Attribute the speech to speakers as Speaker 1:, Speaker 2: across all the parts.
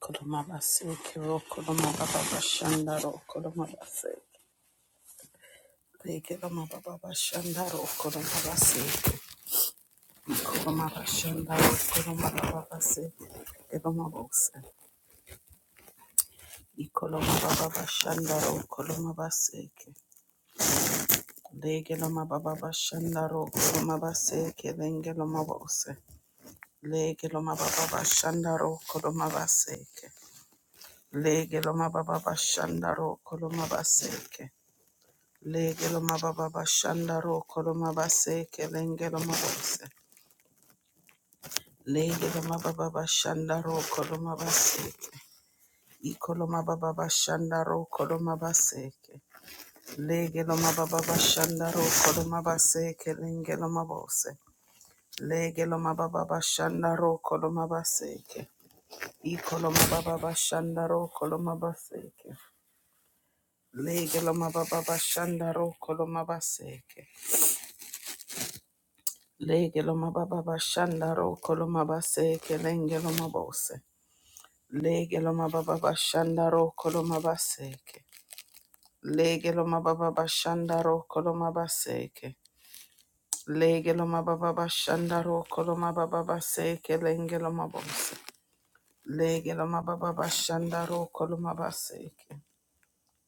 Speaker 1: Koloma baseke ro koloma baba bashanda ro koloma baseke leke loma baba bashanda ro koloma baseke koloma bashanda ro koloma baba baseke koloma bose ikoloma baba bashanda ro koloma baseke leke loma baba bashanda ro koloma baseke lenge loma bose leke loma baba bashanda ro koloma baseke leke loma baba bashanda ro koloma baseke Legelo mababa bashanda ro koloma baseke lengelo mabose. Legelo mababa bashanda ro koloma baseke. Ikolo mababa bashanda ro koloma baseke. Legelo mababa bashanda ro koloma baseke lengelo mabose. Legelo mababa bashanda ro koloma baseke. Ikolo mababa bashanda ro koloma baseke. Legelo mababa bashanda ro koloma baseke. Lege lo mababa bashanda ro kolo mabase kelenge lo mabose. Lege lo mababa bashanda ro kolo mabaseke. Lege lo mababa bashanda ro kolo mabaseke. Lege lo mababa bashanda ro kolo mababa baseke lenge lo mabose. Lege lo mababa bashanda ro kolo mabaseke.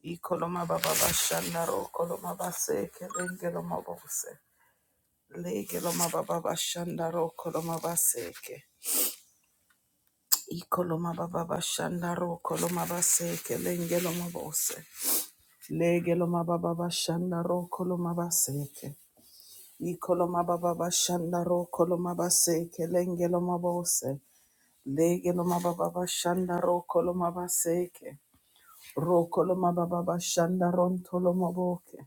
Speaker 1: Iko lo mababa bashanda ro kolo mabaseke lenge lo mabose. Lege lo mababa bashanda ro kolo mabaseke. Ikoloma baba bashanda ro koloma base kelenge loma bose. Lege loma baba bashanda ro koloma baseke. Ikoloma baba bashanda ro koloma base kelenge loma bose. Lege loma baba bashanda ro koloma baseke. Ro koloma baba bashanda ron toloma boke.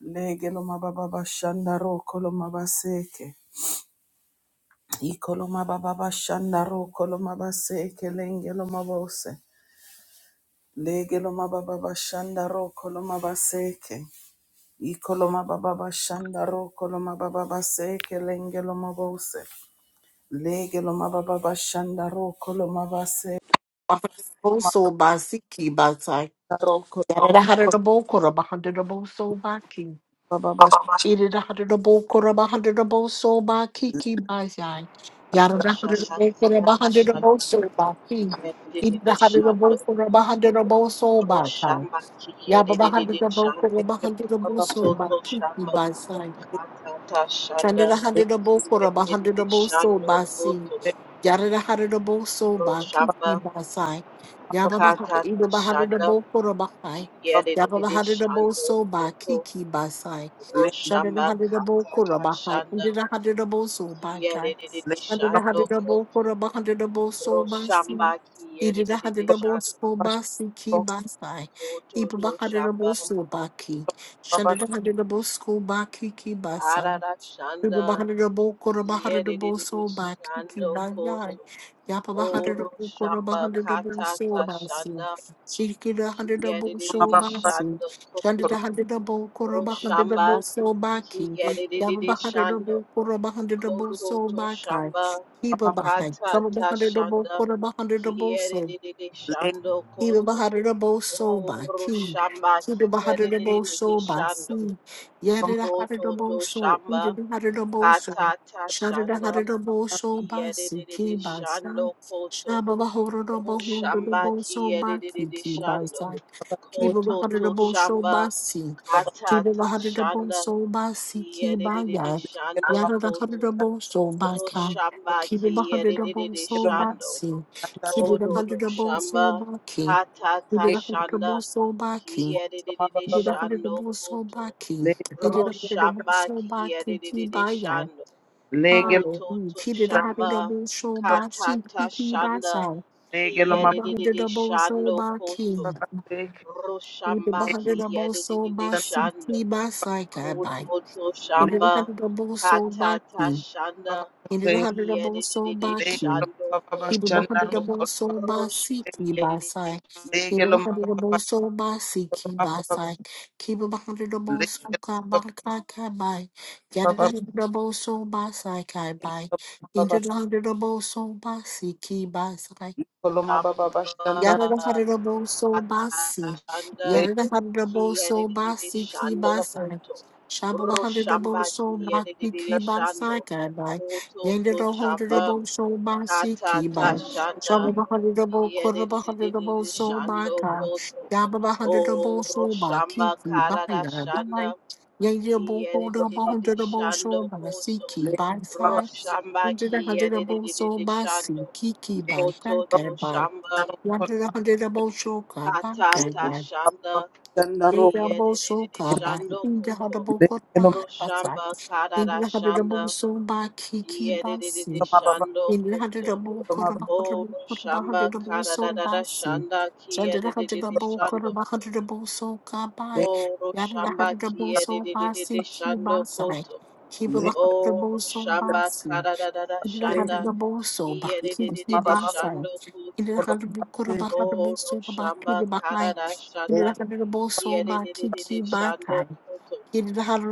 Speaker 1: Lege loma baba bashanda ro koloma baseke. Ikoloma baba bashanda ro koloma baseke lenge loma bose. Lege lo mababa bashanda ro koloma baseke. Iko lo mababa bashanda ro koloma baba baseke lenge lo mabose. Lege lo mababa bashanda ro koloma baseke.
Speaker 2: Bahaso
Speaker 1: Mababa
Speaker 2: Basiki Basai.
Speaker 1: ro koloma
Speaker 2: Yadadahadadabokora Bahadadaboso Baki.
Speaker 1: baba sh-
Speaker 2: Idadahadadabokora Bahadaboso Bakiki Basai.
Speaker 3: Roshamba
Speaker 2: Yadadahadadabokora
Speaker 3: Kiyere
Speaker 2: Bahadaboso Baki. Idadahadadabokora Bahadaboso Bakai.
Speaker 3: de de de
Speaker 2: Yabahadadabokora
Speaker 1: Lege lo mababa
Speaker 2: Bahadaboso Bakiki Basai.
Speaker 1: baseke. Lege
Speaker 2: Shandadahadadabokora Bahadaboso Basi. Yarada harada bo so ba kiki basai.
Speaker 1: lo
Speaker 2: Yaba bahai ida baharada bo koro bahai.
Speaker 1: mababa-
Speaker 2: Yaba baharada bo so ba kiki basai.
Speaker 1: le-
Speaker 2: Shadada harada bo koro bahai. Ida harada bo so ba kai.
Speaker 1: lege lo
Speaker 2: Shadada harada bo koro baharada bo so ba si. Ida harada bo
Speaker 3: Shando
Speaker 2: so
Speaker 1: mababa sh-
Speaker 2: ba si
Speaker 1: ro
Speaker 2: ki basai. Iba
Speaker 3: Kototo
Speaker 2: baharada
Speaker 3: shamba
Speaker 2: bo so ba ki.
Speaker 1: koloma
Speaker 2: Shadada
Speaker 1: bas-
Speaker 2: harada bo so ba kiki basai.
Speaker 3: arara shanda
Speaker 2: Uno bahari na bo koro bahari na
Speaker 3: kiyerere
Speaker 2: bo so ba kiki
Speaker 3: shando
Speaker 2: ba yai.
Speaker 3: koto
Speaker 2: Yapa bahari
Speaker 3: oro
Speaker 2: na bo koro
Speaker 3: shamba
Speaker 2: bahari na bo so
Speaker 3: katata
Speaker 2: ba si.
Speaker 3: shanda
Speaker 2: Shiki na handi na bo
Speaker 3: kiyerere
Speaker 2: so
Speaker 1: mababa
Speaker 2: ba si.
Speaker 3: shando
Speaker 2: Shandi
Speaker 3: koto
Speaker 2: na
Speaker 1: koloma
Speaker 2: handi na bo koro
Speaker 3: ro
Speaker 2: bahari na
Speaker 3: shamba
Speaker 2: bo so ba ki. Yapa
Speaker 3: kiyerere
Speaker 2: bahari na
Speaker 3: shando
Speaker 2: bo koro bahari na bo so
Speaker 3: kototo
Speaker 2: ba kai.
Speaker 3: shamba
Speaker 2: Kiba
Speaker 1: baba-
Speaker 2: bahai. Kama
Speaker 3: katata
Speaker 2: bahari na bo
Speaker 3: shanda
Speaker 2: koro bahari na bo so.
Speaker 3: kiyerere
Speaker 1: lege
Speaker 3: shando
Speaker 2: Kibe
Speaker 3: koto
Speaker 2: baharara bo so ba
Speaker 3: oro
Speaker 2: ki.
Speaker 3: shamba
Speaker 2: Kibe baharara bo
Speaker 3: kiyerere
Speaker 2: so ba
Speaker 3: shando
Speaker 2: si.
Speaker 1: lo mababa-
Speaker 2: Yarara harara
Speaker 3: kototo
Speaker 2: bo so.
Speaker 3: shamba
Speaker 2: Injara harara bo so.
Speaker 3: Katata
Speaker 2: Sharara
Speaker 3: Shanda
Speaker 2: harara bo so ba si
Speaker 3: Kiyedididi
Speaker 2: ki ba sa.
Speaker 3: Shando Koto
Speaker 2: Shaba bahorara bo hundara
Speaker 3: Roshamba
Speaker 2: bo so ba ki
Speaker 3: Kiyedididi
Speaker 2: ki ba
Speaker 3: Shando
Speaker 2: sa.
Speaker 1: lo
Speaker 2: Kibe
Speaker 3: Koto
Speaker 2: baharara
Speaker 3: To
Speaker 2: bo so ba
Speaker 3: Shamba
Speaker 2: si.
Speaker 1: mababa-
Speaker 2: Kibe
Speaker 3: Katata
Speaker 2: baharara bo
Speaker 3: Shanda
Speaker 2: so ba si ki ba
Speaker 3: Kiyedididi
Speaker 2: ya.
Speaker 1: lege lo
Speaker 3: Shando
Speaker 1: mabase
Speaker 2: Yarara harara
Speaker 3: Koto
Speaker 2: bo
Speaker 1: mababa ro
Speaker 2: so ba
Speaker 1: koloma-
Speaker 2: ka.
Speaker 1: lege
Speaker 3: Roshamba
Speaker 2: Kibe baharara bo
Speaker 3: Kiyedididi
Speaker 2: so
Speaker 1: lo
Speaker 2: ba
Speaker 3: Shando
Speaker 2: si.
Speaker 1: mababa ro-
Speaker 2: Kibe
Speaker 3: Kodo To
Speaker 2: baharara bo so
Speaker 3: Shamba
Speaker 2: ba ki. He
Speaker 3: Katata
Speaker 2: did
Speaker 1: lege
Speaker 2: a hundred the
Speaker 3: Shanda
Speaker 2: bull so baki.
Speaker 1: lo mababa-
Speaker 3: Kiyedididi
Speaker 2: He did a
Speaker 1: mababa-
Speaker 2: hundred the
Speaker 3: Shando
Speaker 2: bull so
Speaker 3: Koto
Speaker 2: baki.
Speaker 1: lege
Speaker 2: He
Speaker 1: lo
Speaker 2: did a
Speaker 1: mababa- bashanda.
Speaker 2: hundred the bull
Speaker 3: Roshamba
Speaker 2: so baki. He
Speaker 3: Kiyedididi
Speaker 2: by yai.
Speaker 3: Shando
Speaker 1: Legelo
Speaker 2: Hallelujah.
Speaker 3: Kototo
Speaker 2: He did a hundred the
Speaker 3: Shamba
Speaker 2: bull so baki.
Speaker 3: Katata
Speaker 2: He he by
Speaker 3: Shanda
Speaker 2: side. He
Speaker 1: Legelo
Speaker 2: did
Speaker 1: ma
Speaker 2: a hundred
Speaker 3: Kiyedididi
Speaker 2: the bull so
Speaker 3: Shando Koto
Speaker 2: baki. He did a
Speaker 3: Roshamba
Speaker 2: hundred the bull so
Speaker 3: Kiyedididi
Speaker 2: baki.
Speaker 3: Shando
Speaker 2: He by side. Guy by.
Speaker 3: Kototo
Speaker 2: He did a
Speaker 3: Shamba
Speaker 2: hundred
Speaker 3: Katata
Speaker 2: Ididakudabusobaki.
Speaker 3: Shanda
Speaker 2: Ididakudabusobaki. Ididakudabusobaki kibaya. Hallelujah. Ididakudabusobaki kikibasa. Ididakudabusobaki. Ididakudabusobasi kibasa kabaya. Ididakudabusobaki.
Speaker 3: Kiyedididi
Speaker 2: Ididakudabusobaki.
Speaker 3: Shando
Speaker 2: Ibu
Speaker 3: Koto
Speaker 2: bahadu dabo so basi ki basai. Ibu bahadu
Speaker 1: baba
Speaker 2: dabo so basi ki basai. Kibu bahadu dabo so ka baka ka bai. Yada
Speaker 1: baba
Speaker 2: dabo so basai kai bai. Indu dabo so basi ki basai.
Speaker 1: kolo ma
Speaker 3: Roshamba
Speaker 1: baba
Speaker 2: Yarada harada bo so
Speaker 3: Katata
Speaker 2: basi.
Speaker 3: Shanda
Speaker 1: baba
Speaker 2: Yarada harada bo so
Speaker 3: Kiyedididi
Speaker 2: basi ki
Speaker 3: Shando
Speaker 2: basai.
Speaker 3: Koto.
Speaker 2: Shaba baharada bo
Speaker 3: Roshamba
Speaker 2: so basi
Speaker 3: Kiyedididi
Speaker 2: ki basai
Speaker 3: Shando.
Speaker 2: kadai.
Speaker 3: Koto
Speaker 2: Yenda
Speaker 3: to
Speaker 2: do harada
Speaker 3: Shamba
Speaker 2: bo so basi
Speaker 3: Kata
Speaker 2: ki
Speaker 3: ta
Speaker 2: bai.
Speaker 3: Shanda.
Speaker 2: Shaba baharada bo kora baharada bo
Speaker 3: Kiyedididi
Speaker 2: so
Speaker 3: Shando
Speaker 2: bakai.
Speaker 3: Koto.
Speaker 2: Yaba baharada
Speaker 3: O
Speaker 2: bo so baki
Speaker 3: Roshamba
Speaker 2: ki bai
Speaker 3: Karada
Speaker 2: yar
Speaker 3: Shanda.
Speaker 2: bai. Yenda bo hoda
Speaker 3: Kiyedididi
Speaker 2: baharada bo so
Speaker 3: Shando
Speaker 2: basi
Speaker 3: Koto.
Speaker 2: ki basai.
Speaker 3: Roshamba
Speaker 2: Yenda harada bo so
Speaker 3: Kiyedididi
Speaker 2: basi
Speaker 3: Shando.
Speaker 2: ki ki bai
Speaker 3: Koto to
Speaker 2: kai
Speaker 3: Shamba
Speaker 2: Keep
Speaker 3: Kata ta Shanda. Kiyedididi Shando Koto. Roshamba Karada Shanda Kiedede Shando Koto. O Roshamba Karada Shanda Kiedede Shando Koto. O Roshamba Kiedede Shando Koto. O Roshamba Karada Shanda
Speaker 2: Indirahaduboso baki
Speaker 3: Kiedede
Speaker 2: dibasa.
Speaker 3: Shando Koto.
Speaker 2: Indirahadubuku
Speaker 3: O
Speaker 2: rabahaduboso baki
Speaker 3: Roshamba
Speaker 2: dibakai.
Speaker 3: Karada Shanda
Speaker 2: Indirahaduboso baki ki
Speaker 3: Kiedede Shando
Speaker 2: kibakai.
Speaker 3: Koto.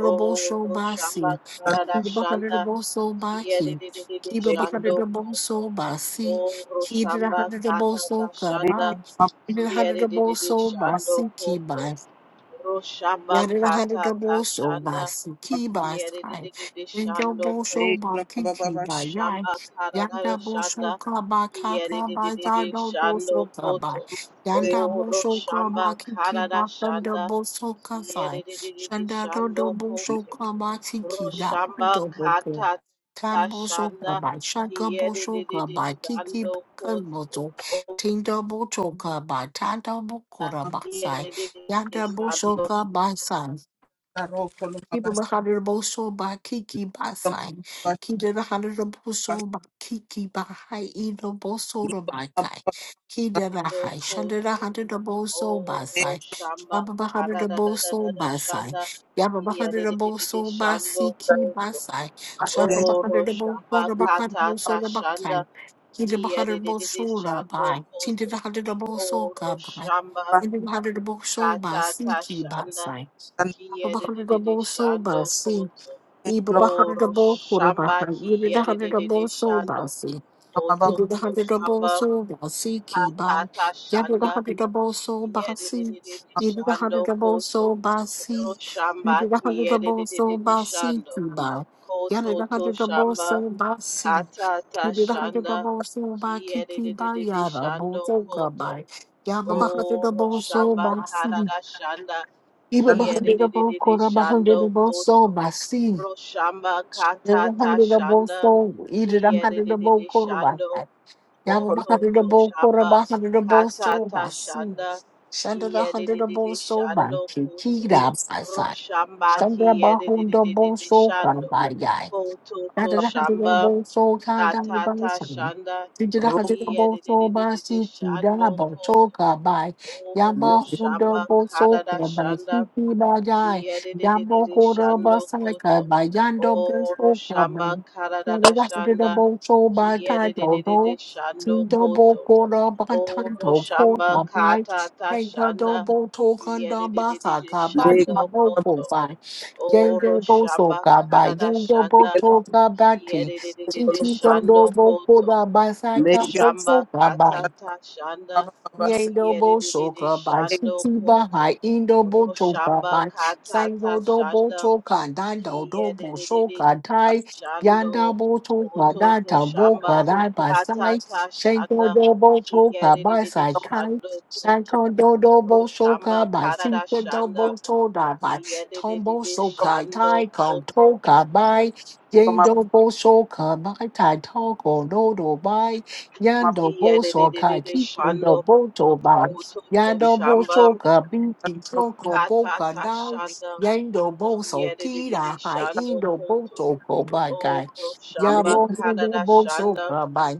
Speaker 3: Oh, Shamba
Speaker 2: basi.
Speaker 3: Karada Shanda,
Speaker 2: Indirahaduboso baki.
Speaker 3: Kiyedidididi Shando Koto,
Speaker 2: Kibabahaduboso basi.
Speaker 3: Oh, Shamba Katada
Speaker 2: Indirahaduboso kaba.
Speaker 3: Shanda, Kiyedidididi
Speaker 2: Indirahaduboso basi
Speaker 3: Shando
Speaker 2: ki
Speaker 3: Koto,
Speaker 2: ba.
Speaker 3: Roshamba
Speaker 2: Yadda hada
Speaker 3: Katata
Speaker 2: double so by
Speaker 3: Shanda,
Speaker 2: Siki by Sky.
Speaker 3: Kiyedidididi
Speaker 2: In
Speaker 3: Shando
Speaker 2: double so
Speaker 3: Koto,
Speaker 2: by
Speaker 1: Legelo
Speaker 2: Kiki by
Speaker 1: mabababasha,
Speaker 2: Yai.
Speaker 3: Roshamba
Speaker 2: Yanda
Speaker 3: Karada
Speaker 2: Bosho
Speaker 3: Shanda,
Speaker 2: Kaba Kaka by
Speaker 3: Kiyedidididi
Speaker 2: Zado
Speaker 3: Shando
Speaker 2: Bosho Kaba.
Speaker 3: Koto,
Speaker 1: lege-
Speaker 2: Yanda
Speaker 3: Oh,
Speaker 2: Bosho
Speaker 3: Roshamba
Speaker 2: Kaba Kiki
Speaker 3: Karada
Speaker 2: by Thunder
Speaker 3: Shanda,
Speaker 2: Bosho Kasai.
Speaker 3: Kiyedidididi
Speaker 2: Shanda Dodo
Speaker 3: Shando
Speaker 2: Bosho
Speaker 3: Koto,
Speaker 2: Kaba Tiki Dapa
Speaker 3: Roshamba
Speaker 2: Dodo Ko.
Speaker 3: kata
Speaker 2: Tambo Soka
Speaker 3: tashanda
Speaker 2: by Shaka
Speaker 3: kiyede de
Speaker 2: Bosho
Speaker 3: de de
Speaker 2: Kaba Kiki
Speaker 3: shando
Speaker 2: Kan
Speaker 3: koto.
Speaker 2: Boto.
Speaker 3: Oh,
Speaker 2: Tinda Boto Kaba Tanda Bokora
Speaker 3: kiyede de de de
Speaker 2: Yada
Speaker 3: shando
Speaker 2: Boshoka Basa.
Speaker 1: legaro kolo
Speaker 2: Keep the
Speaker 1: mabas-
Speaker 2: hundred of Bosho by Kiki by
Speaker 1: kolo
Speaker 2: sign.
Speaker 1: mabababasha,
Speaker 2: Keep the hundred of Bosho by Kiki by high Edo Bosho
Speaker 1: lego
Speaker 2: by
Speaker 1: mabababasha,
Speaker 2: Kai. Keep the
Speaker 3: koto
Speaker 2: high Shanded a
Speaker 3: koto.
Speaker 2: hundred of Bosho by
Speaker 3: Oh,
Speaker 1: lege-
Speaker 2: sign.
Speaker 3: roshamba
Speaker 2: Yabba the hundred
Speaker 3: kata
Speaker 2: of
Speaker 3: da da da
Speaker 2: Bosho
Speaker 3: da da
Speaker 2: by sign.
Speaker 3: shanda
Speaker 2: Yabba the hundred
Speaker 3: kiyede
Speaker 2: of
Speaker 3: de de de de
Speaker 2: Bosho by
Speaker 3: shando
Speaker 2: Siki by
Speaker 3: koto.
Speaker 2: sign. Shabba the
Speaker 3: Oh,
Speaker 2: hundred of Bosho
Speaker 3: roshamba
Speaker 2: by Kai
Speaker 3: kata
Speaker 2: Bosho by Kai.
Speaker 3: tashanda
Speaker 2: Keep the hundred of
Speaker 3: kiyede de de de
Speaker 2: Bosho
Speaker 3: shando
Speaker 2: by. Keep
Speaker 3: koto.
Speaker 2: the hundred of Bosho
Speaker 3: Oh,
Speaker 2: by.
Speaker 3: roshamba
Speaker 2: Keep
Speaker 1: mabasanda,
Speaker 2: the hundred of Bosho by
Speaker 3: kata
Speaker 2: Siki by
Speaker 3: tashanda
Speaker 2: sign.
Speaker 3: kiyede de de de
Speaker 2: Ababahadabo so
Speaker 3: shando
Speaker 2: basi.
Speaker 3: koto.
Speaker 1: legelo
Speaker 3: O
Speaker 2: Ibabahadabo
Speaker 3: roshamba
Speaker 2: kurabaha.
Speaker 3: ki
Speaker 2: Ibidahadabo
Speaker 3: yedididi
Speaker 2: so
Speaker 3: shando.
Speaker 2: basi.
Speaker 3: Koto
Speaker 1: mabababasha,
Speaker 3: to
Speaker 2: Ibidahadabo
Speaker 3: shamba
Speaker 2: so basi kiba.
Speaker 3: katata shanda
Speaker 2: Yadadahadabo so
Speaker 3: ki
Speaker 2: basi.
Speaker 3: yedididi shando
Speaker 2: Ibidahadabo
Speaker 3: koto.
Speaker 2: so
Speaker 3: Oro
Speaker 2: basi.
Speaker 3: shamba ki
Speaker 2: Ibidahadabo so
Speaker 3: yedididi
Speaker 2: basi
Speaker 3: shando.
Speaker 2: kiba.
Speaker 3: Koto to
Speaker 2: Yadadahadabo
Speaker 3: shamba
Speaker 2: so basi.
Speaker 3: katata shanda
Speaker 2: Ibidahadabo so ba
Speaker 3: ki
Speaker 2: kiki ba
Speaker 3: yedididi
Speaker 2: yada bo
Speaker 3: shando
Speaker 2: so
Speaker 3: koto.
Speaker 2: gabai.
Speaker 3: Oro
Speaker 2: Yababahadabo so
Speaker 3: shamba
Speaker 2: basi.
Speaker 3: karada shanda
Speaker 2: Iba
Speaker 3: ki
Speaker 1: mabasanda,
Speaker 2: behind the bow,
Speaker 3: yedididi
Speaker 2: quarter behind the
Speaker 3: shando
Speaker 2: bow, so
Speaker 3: koto.
Speaker 2: by sea.
Speaker 3: Roshamba
Speaker 2: Never
Speaker 3: Katata
Speaker 2: hundred the bow,
Speaker 3: Shanda
Speaker 2: so either a hundred the bow,
Speaker 3: Kiyedididi
Speaker 2: quarter by
Speaker 3: Shando
Speaker 2: night. Yabba
Speaker 1: okolo
Speaker 3: koto
Speaker 2: behind the
Speaker 3: to
Speaker 2: bow, quarter
Speaker 3: Shamba
Speaker 2: behind the bow, so
Speaker 3: Katata
Speaker 2: by sea.
Speaker 3: Shanda
Speaker 2: Shanda a hundred the bow,
Speaker 3: Kiyedididi
Speaker 2: so by
Speaker 3: Shando Koto
Speaker 1: lege-
Speaker 2: kikida by side.
Speaker 3: Roshamba
Speaker 2: Shanda behind the bow,
Speaker 3: Kiyedididi
Speaker 2: so can
Speaker 3: Shando
Speaker 2: by yai.
Speaker 3: koto to Shamba
Speaker 2: Yambo
Speaker 3: Katata Shanda
Speaker 1: ro-
Speaker 3: Kiyedididi Shando Koto Oro
Speaker 1: le-
Speaker 3: roshamba Katata Shanda Kia de de de de de shando koto. Oro shamba karada da shanda. Kia de de de de de shando koto. Oro shamba kata ta shanda. Kia de de de de de
Speaker 1: lege-
Speaker 3: shando
Speaker 1: mababa-
Speaker 3: koto.
Speaker 2: Yende
Speaker 3: Oro
Speaker 2: boso
Speaker 3: shamba
Speaker 2: gaba,
Speaker 3: karada
Speaker 2: yende
Speaker 3: shanda.
Speaker 2: boto
Speaker 1: legelo
Speaker 3: Kia
Speaker 2: gabati.
Speaker 3: de de de de
Speaker 1: okolo
Speaker 3: de
Speaker 2: Titi
Speaker 1: maba-
Speaker 2: dondo
Speaker 3: shando
Speaker 2: boko
Speaker 3: koto.
Speaker 2: da basaka
Speaker 1: legelo
Speaker 3: Roshamba
Speaker 2: boso gaba.
Speaker 3: katata shanda
Speaker 1: mabababasha,
Speaker 2: Yendobo
Speaker 3: kiyedididi
Speaker 2: soka by
Speaker 3: shando
Speaker 2: city
Speaker 3: koto.
Speaker 2: by indobo toka
Speaker 3: Roshamba
Speaker 2: by
Speaker 3: katata
Speaker 2: sango dobo
Speaker 3: shanda
Speaker 2: toka dando dobo
Speaker 3: kiyedididi
Speaker 2: soka tai yanda
Speaker 3: shando
Speaker 2: bo toka
Speaker 3: koto to
Speaker 2: data boka
Speaker 3: shamba
Speaker 2: dai by sai
Speaker 3: katata
Speaker 2: shango
Speaker 3: shanda
Speaker 2: dobo toka by
Speaker 3: kiyedididi
Speaker 2: sai kai
Speaker 3: shando koto.
Speaker 2: sango dobo
Speaker 3: Roshamba
Speaker 2: soka by city
Speaker 3: karada shanda
Speaker 2: dobo toda by tombo
Speaker 3: kiyedididi
Speaker 1: legelo
Speaker 2: soka
Speaker 3: shando
Speaker 2: tai kong
Speaker 3: koto.
Speaker 2: toka by
Speaker 1: mababa-
Speaker 2: yendobo soka by tai toko dodo by
Speaker 1: maba-
Speaker 2: Yando boso kai
Speaker 3: Kiyedididi
Speaker 2: keeping the
Speaker 3: shando
Speaker 2: boto box.
Speaker 3: koto to
Speaker 2: Yando
Speaker 3: shamba
Speaker 2: boso ka binti
Speaker 1: laro-
Speaker 2: toko boka
Speaker 3: katata
Speaker 2: now.
Speaker 3: shanda
Speaker 2: Yando boso
Speaker 3: Yedididi
Speaker 2: kira hai
Speaker 3: Shando
Speaker 2: indo
Speaker 3: Koto.
Speaker 2: boto ko
Speaker 3: O
Speaker 2: bagai.
Speaker 3: Roshamba
Speaker 2: Yabo
Speaker 1: lege-
Speaker 3: Kadada
Speaker 2: boso
Speaker 3: Shanda.
Speaker 2: ka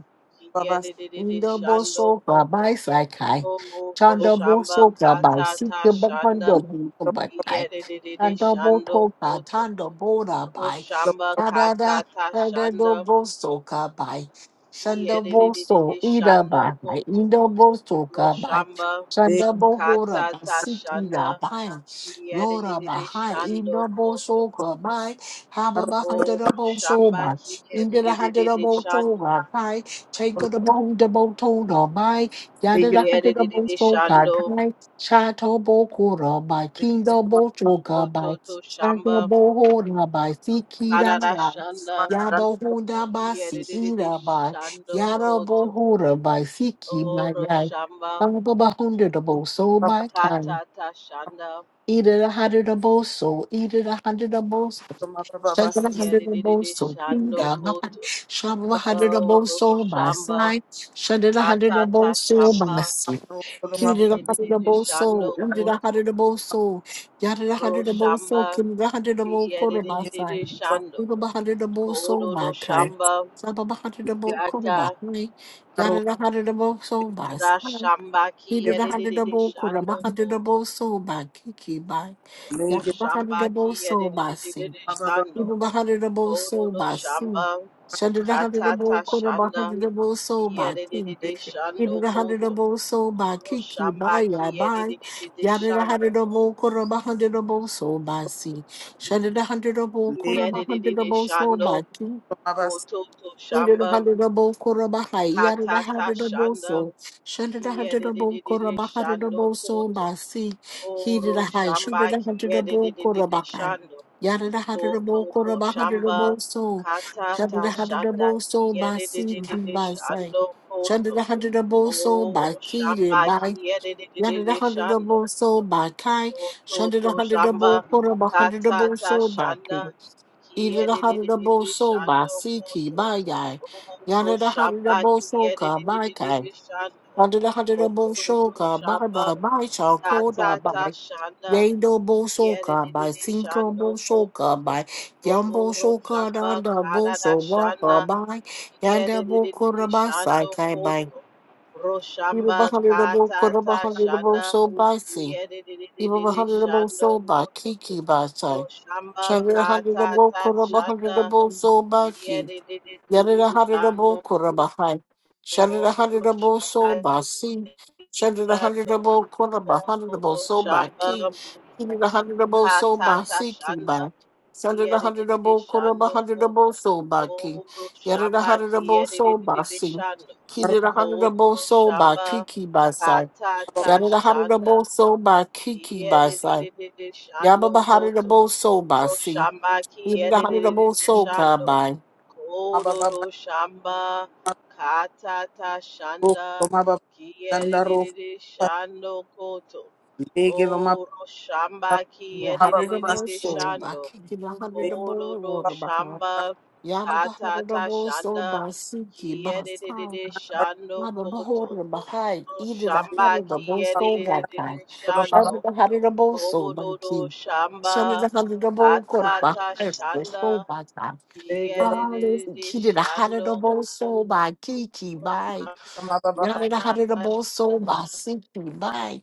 Speaker 1: babas-
Speaker 3: Yedididi
Speaker 2: Indo
Speaker 3: Shando
Speaker 2: boso
Speaker 3: Koto.
Speaker 2: babai sakai.
Speaker 3: O
Speaker 2: Chando
Speaker 1: okolo
Speaker 3: Roshamba
Speaker 2: boso babai
Speaker 3: Katata
Speaker 2: sikyo
Speaker 3: Shanda.
Speaker 2: bakando boso bakai.
Speaker 3: Yedididi
Speaker 2: Chando
Speaker 3: Shando
Speaker 2: boto ka
Speaker 3: Koto.
Speaker 2: tando bora bai.
Speaker 3: Roshamba
Speaker 2: Da da da
Speaker 3: Katata
Speaker 2: da da do
Speaker 3: Shanda.
Speaker 2: boso ka bai. Shando boso
Speaker 3: Yedididi
Speaker 2: ida
Speaker 3: Shando
Speaker 2: bai.
Speaker 3: Koto.
Speaker 2: Indo boso ka bai.
Speaker 3: Roshamba
Speaker 2: Shando
Speaker 1: lege-
Speaker 2: bohora bai
Speaker 3: Katata Shanda.
Speaker 2: sikira bai. Yora
Speaker 3: Yedididi
Speaker 2: bai.
Speaker 3: Shando
Speaker 2: Indo
Speaker 3: Koto.
Speaker 2: boso ka bai. Haba
Speaker 1: laro-
Speaker 2: bai hando
Speaker 3: O
Speaker 2: boso
Speaker 3: Roshamba
Speaker 2: bai. Indo da hando
Speaker 3: Kiyedididi Shando
Speaker 2: boso Take
Speaker 1: kolo
Speaker 2: of the bone, the bone told all by, yada
Speaker 1: lege-
Speaker 2: the hunter the bone
Speaker 3: Kiyedididi
Speaker 2: so god
Speaker 3: shando
Speaker 2: high, shato bo kura by, king the
Speaker 1: legelo
Speaker 2: bo
Speaker 1: mab-
Speaker 2: choka by,
Speaker 3: kototo shamba
Speaker 2: shanto bo hora by, siki da
Speaker 1: lege-
Speaker 3: karada
Speaker 2: da,
Speaker 3: shanda
Speaker 1: mabasanda,
Speaker 2: yabo hunda by, si
Speaker 3: kiyedididi
Speaker 2: da by,
Speaker 3: shando
Speaker 2: yada
Speaker 3: koto
Speaker 2: bo hora by, siki by
Speaker 3: oro
Speaker 2: right.
Speaker 3: shamba
Speaker 2: Baba ba hundred the bo so by
Speaker 1: babas-
Speaker 2: time,
Speaker 3: katata shanda
Speaker 2: either the hundred the bo so, either the hundred the bo
Speaker 1: mabababasha, lege-
Speaker 3: kiyedididi
Speaker 2: Shadalahandanaboso,
Speaker 3: shando
Speaker 2: Pinda, Mahan,
Speaker 3: koto oro
Speaker 2: Shamlahandanaboso, my
Speaker 3: shamba
Speaker 2: side,
Speaker 3: katata
Speaker 2: Shadalahandanaboso,
Speaker 3: shamba
Speaker 2: my side.
Speaker 1: laro- kolo maba-
Speaker 3: kiyedididi shando
Speaker 2: Kidalahandanaboso,
Speaker 3: koto
Speaker 2: Indalahandanaboso,
Speaker 3: oro shamba
Speaker 2: Yadalahandanaboso, Kindalahandanaboso, my
Speaker 3: kiyedididi
Speaker 2: side.
Speaker 3: shando
Speaker 2: Ibalahandanaboso,
Speaker 3: kodo
Speaker 2: my kind.
Speaker 3: shamba
Speaker 1: Legelo
Speaker 2: Sabalahandanaboso,
Speaker 3: kata
Speaker 2: my hand. Yadalahandanaboso, my side.
Speaker 3: Rashambaki edididi
Speaker 2: Kidalahandanaboso,
Speaker 3: shando koto.
Speaker 2: Rabahandanaboso, by kiki, my.
Speaker 3: Roshambaki
Speaker 2: Yadalahandanaboso, my side.
Speaker 3: edididi
Speaker 1: mababa basha
Speaker 3: shando.
Speaker 2: Even behind the bowl
Speaker 3: Kodo
Speaker 2: soul
Speaker 3: do
Speaker 2: by sin.
Speaker 3: shamba
Speaker 2: Shudder the hundred of bowl
Speaker 3: katata
Speaker 2: quarter behind
Speaker 3: shanda.
Speaker 2: the bowl
Speaker 3: Ki
Speaker 2: soul by king.
Speaker 3: edididi
Speaker 2: Even
Speaker 3: shando
Speaker 2: the hundred of
Speaker 3: koto.
Speaker 2: bowl soul by kiki by I
Speaker 3: Roshambaki
Speaker 2: by.
Speaker 3: edididi
Speaker 2: Yada the
Speaker 3: shando.
Speaker 2: hundred of bowl quarter behind the bowl soul by sea. Shudder the hundred of bowl
Speaker 3: Ki
Speaker 2: quarter behind the
Speaker 3: edididi
Speaker 2: bowl soul by
Speaker 3: shando
Speaker 2: king.
Speaker 3: koto to
Speaker 2: Into the
Speaker 3: shamba
Speaker 2: hundred double, both Korabahai, Yada the
Speaker 3: katata
Speaker 2: hundred double, both
Speaker 3: shanda.
Speaker 2: so, Shunted the
Speaker 3: Ki
Speaker 2: hundred double, both
Speaker 3: edididi
Speaker 2: Korabahai, the
Speaker 3: shando
Speaker 2: both so,
Speaker 3: koto.
Speaker 2: Basi, He did
Speaker 3: Oro
Speaker 2: a high, Shunted
Speaker 3: shamba
Speaker 2: the
Speaker 3: ki
Speaker 2: hundred double, both
Speaker 3: edididi
Speaker 2: Korabahai,
Speaker 3: shando.
Speaker 2: Yada the hundred double, both
Speaker 3: Kototo
Speaker 2: Korabahai, the
Speaker 3: Shamba
Speaker 2: both so, Shunted
Speaker 3: Katata
Speaker 2: the hundred of
Speaker 3: Shanda
Speaker 2: both so,
Speaker 3: kiede de
Speaker 2: Basi,
Speaker 3: de de Kiedididididi
Speaker 2: Kibasai,
Speaker 3: Shando
Speaker 2: Shunted
Speaker 3: Koto
Speaker 2: the hundred double, both so,
Speaker 3: Oro
Speaker 2: Baki,
Speaker 3: Shamba kiede de de
Speaker 2: Yonder the
Speaker 3: de Kiedididididi
Speaker 2: hundred
Speaker 3: Shando
Speaker 2: double soul by Kai,
Speaker 3: koto
Speaker 2: Shunder the
Speaker 3: to
Speaker 2: hundred double
Speaker 3: Shamba
Speaker 2: quarter by hundred double
Speaker 3: Katata
Speaker 2: soul by
Speaker 3: Shanda
Speaker 2: King. Either
Speaker 3: kiede
Speaker 2: the
Speaker 3: de de
Speaker 2: hundred
Speaker 3: de
Speaker 2: double
Speaker 3: Kiedididididi
Speaker 2: soul by
Speaker 3: Shando
Speaker 2: Siki
Speaker 3: Koto
Speaker 2: by Yai.
Speaker 3: Oro
Speaker 2: Yonder the hundred
Speaker 3: Shamba
Speaker 2: double soul
Speaker 3: kiede de
Speaker 2: car
Speaker 3: de de
Speaker 2: by
Speaker 3: de
Speaker 2: Kai.
Speaker 3: Kiedididididi Shando
Speaker 2: Under the hundred double
Speaker 3: koto
Speaker 2: soul
Speaker 3: to
Speaker 2: car by by
Speaker 3: Shamba
Speaker 2: by shall call that
Speaker 3: Katata
Speaker 2: by.
Speaker 3: Shanda
Speaker 2: Yay double soul
Speaker 3: kiede de
Speaker 2: car
Speaker 3: de
Speaker 2: by
Speaker 3: Kiedididididi
Speaker 2: Cinco
Speaker 3: Shando
Speaker 2: bo soul
Speaker 3: Koto
Speaker 2: car by Yumbo
Speaker 3: Boro
Speaker 2: soul car
Speaker 3: shamba
Speaker 2: down the bo
Speaker 3: karada
Speaker 2: soul walker
Speaker 3: shanda
Speaker 2: by. Yonder bo quarter
Speaker 3: kiyedidididi
Speaker 2: by Sai
Speaker 3: shando
Speaker 2: Kai by.
Speaker 3: koto. Ro
Speaker 2: Either the
Speaker 3: shamba
Speaker 2: hundred double quarter by
Speaker 3: katata
Speaker 2: hundred double
Speaker 3: shanda
Speaker 2: soul by C. Ibo
Speaker 3: kiyedidididi
Speaker 2: hundred the bow
Speaker 3: shando
Speaker 2: so ba
Speaker 3: koto.
Speaker 2: Kiki by
Speaker 3: Ro
Speaker 2: side.
Speaker 3: shamba
Speaker 2: Chandra the hundred the bow
Speaker 3: katata
Speaker 2: Kuraba hundred the
Speaker 3: shanda
Speaker 2: bow so by Ki. Yada
Speaker 3: kiyedidididi
Speaker 2: the hundred the
Speaker 3: shando
Speaker 2: bow Kuraba high. Chandra the
Speaker 3: koto.
Speaker 2: hundred
Speaker 3: Ro
Speaker 2: the bow so
Speaker 3: shamba
Speaker 2: by C.
Speaker 3: kiyedidididi
Speaker 2: Chandra the hundred
Speaker 3: shando
Speaker 2: the bow Kuraba
Speaker 3: koto.
Speaker 2: hundred the bow
Speaker 3: Ro
Speaker 2: so ba Ki.
Speaker 3: shamba
Speaker 2: Kiki the hundred the bow so by
Speaker 3: katata
Speaker 2: C Ki
Speaker 3: shanda
Speaker 2: by. Chandra the hundred the
Speaker 3: Kiyerere
Speaker 2: bow Kuraba
Speaker 3: shando
Speaker 2: hundred the
Speaker 3: koto.
Speaker 2: bow so by Ki.
Speaker 3: Koro
Speaker 2: Yada the
Speaker 3: shamba
Speaker 2: hundred the bow
Speaker 3: kiyerere
Speaker 2: so ba si.
Speaker 3: shando.
Speaker 2: Kiki the hundred
Speaker 3: Koro
Speaker 2: the bow so ba
Speaker 3: shamba
Speaker 2: Kiki by side.
Speaker 3: katata
Speaker 2: Yada the hundred the
Speaker 3: shanda
Speaker 2: bow so ba Kiki ba sai.
Speaker 3: kiyerere shando
Speaker 2: Yabba Hada the
Speaker 3: koto.
Speaker 2: Bo Soul by
Speaker 3: Koro
Speaker 2: see.
Speaker 3: shamba
Speaker 2: Yabba Hada the
Speaker 3: kiyerere
Speaker 2: Bo Soul car
Speaker 3: shando.
Speaker 2: by.
Speaker 3: Koro shamba katata shanda kiyerere shando koto. Koro shamba
Speaker 2: Hada the Bo
Speaker 3: kiyerere
Speaker 2: Soul by
Speaker 3: shando.
Speaker 2: Kiki Hada the Bo
Speaker 3: Kororo
Speaker 2: Water by.
Speaker 3: shamba
Speaker 2: Yabba Hada the
Speaker 3: katata
Speaker 2: Bo Soul
Speaker 3: shanda
Speaker 2: by Siki by Sai.
Speaker 3: kiyedididi shando
Speaker 2: Yabba
Speaker 3: koto.
Speaker 2: Bahora Bahai.
Speaker 3: Kororo
Speaker 2: Either the
Speaker 3: shamba
Speaker 2: Hada the Bo Soul by Kai.
Speaker 3: kiyedididi
Speaker 2: Shabba
Speaker 3: shando.
Speaker 2: the Hada the Bo Soul by
Speaker 3: Kororo
Speaker 2: Ki. Shabba the
Speaker 3: shamba
Speaker 2: Hada the Bo Water
Speaker 3: katata
Speaker 2: by Soul
Speaker 3: shanda
Speaker 2: by Kai. Hallelujah.
Speaker 3: kiyedididi
Speaker 2: He did a Hada
Speaker 3: shando
Speaker 2: the Bo
Speaker 3: koto.
Speaker 2: Soul by Kiki
Speaker 3: Katata
Speaker 2: by. Yada hada da bo
Speaker 3: shanda
Speaker 2: so ba sinki by.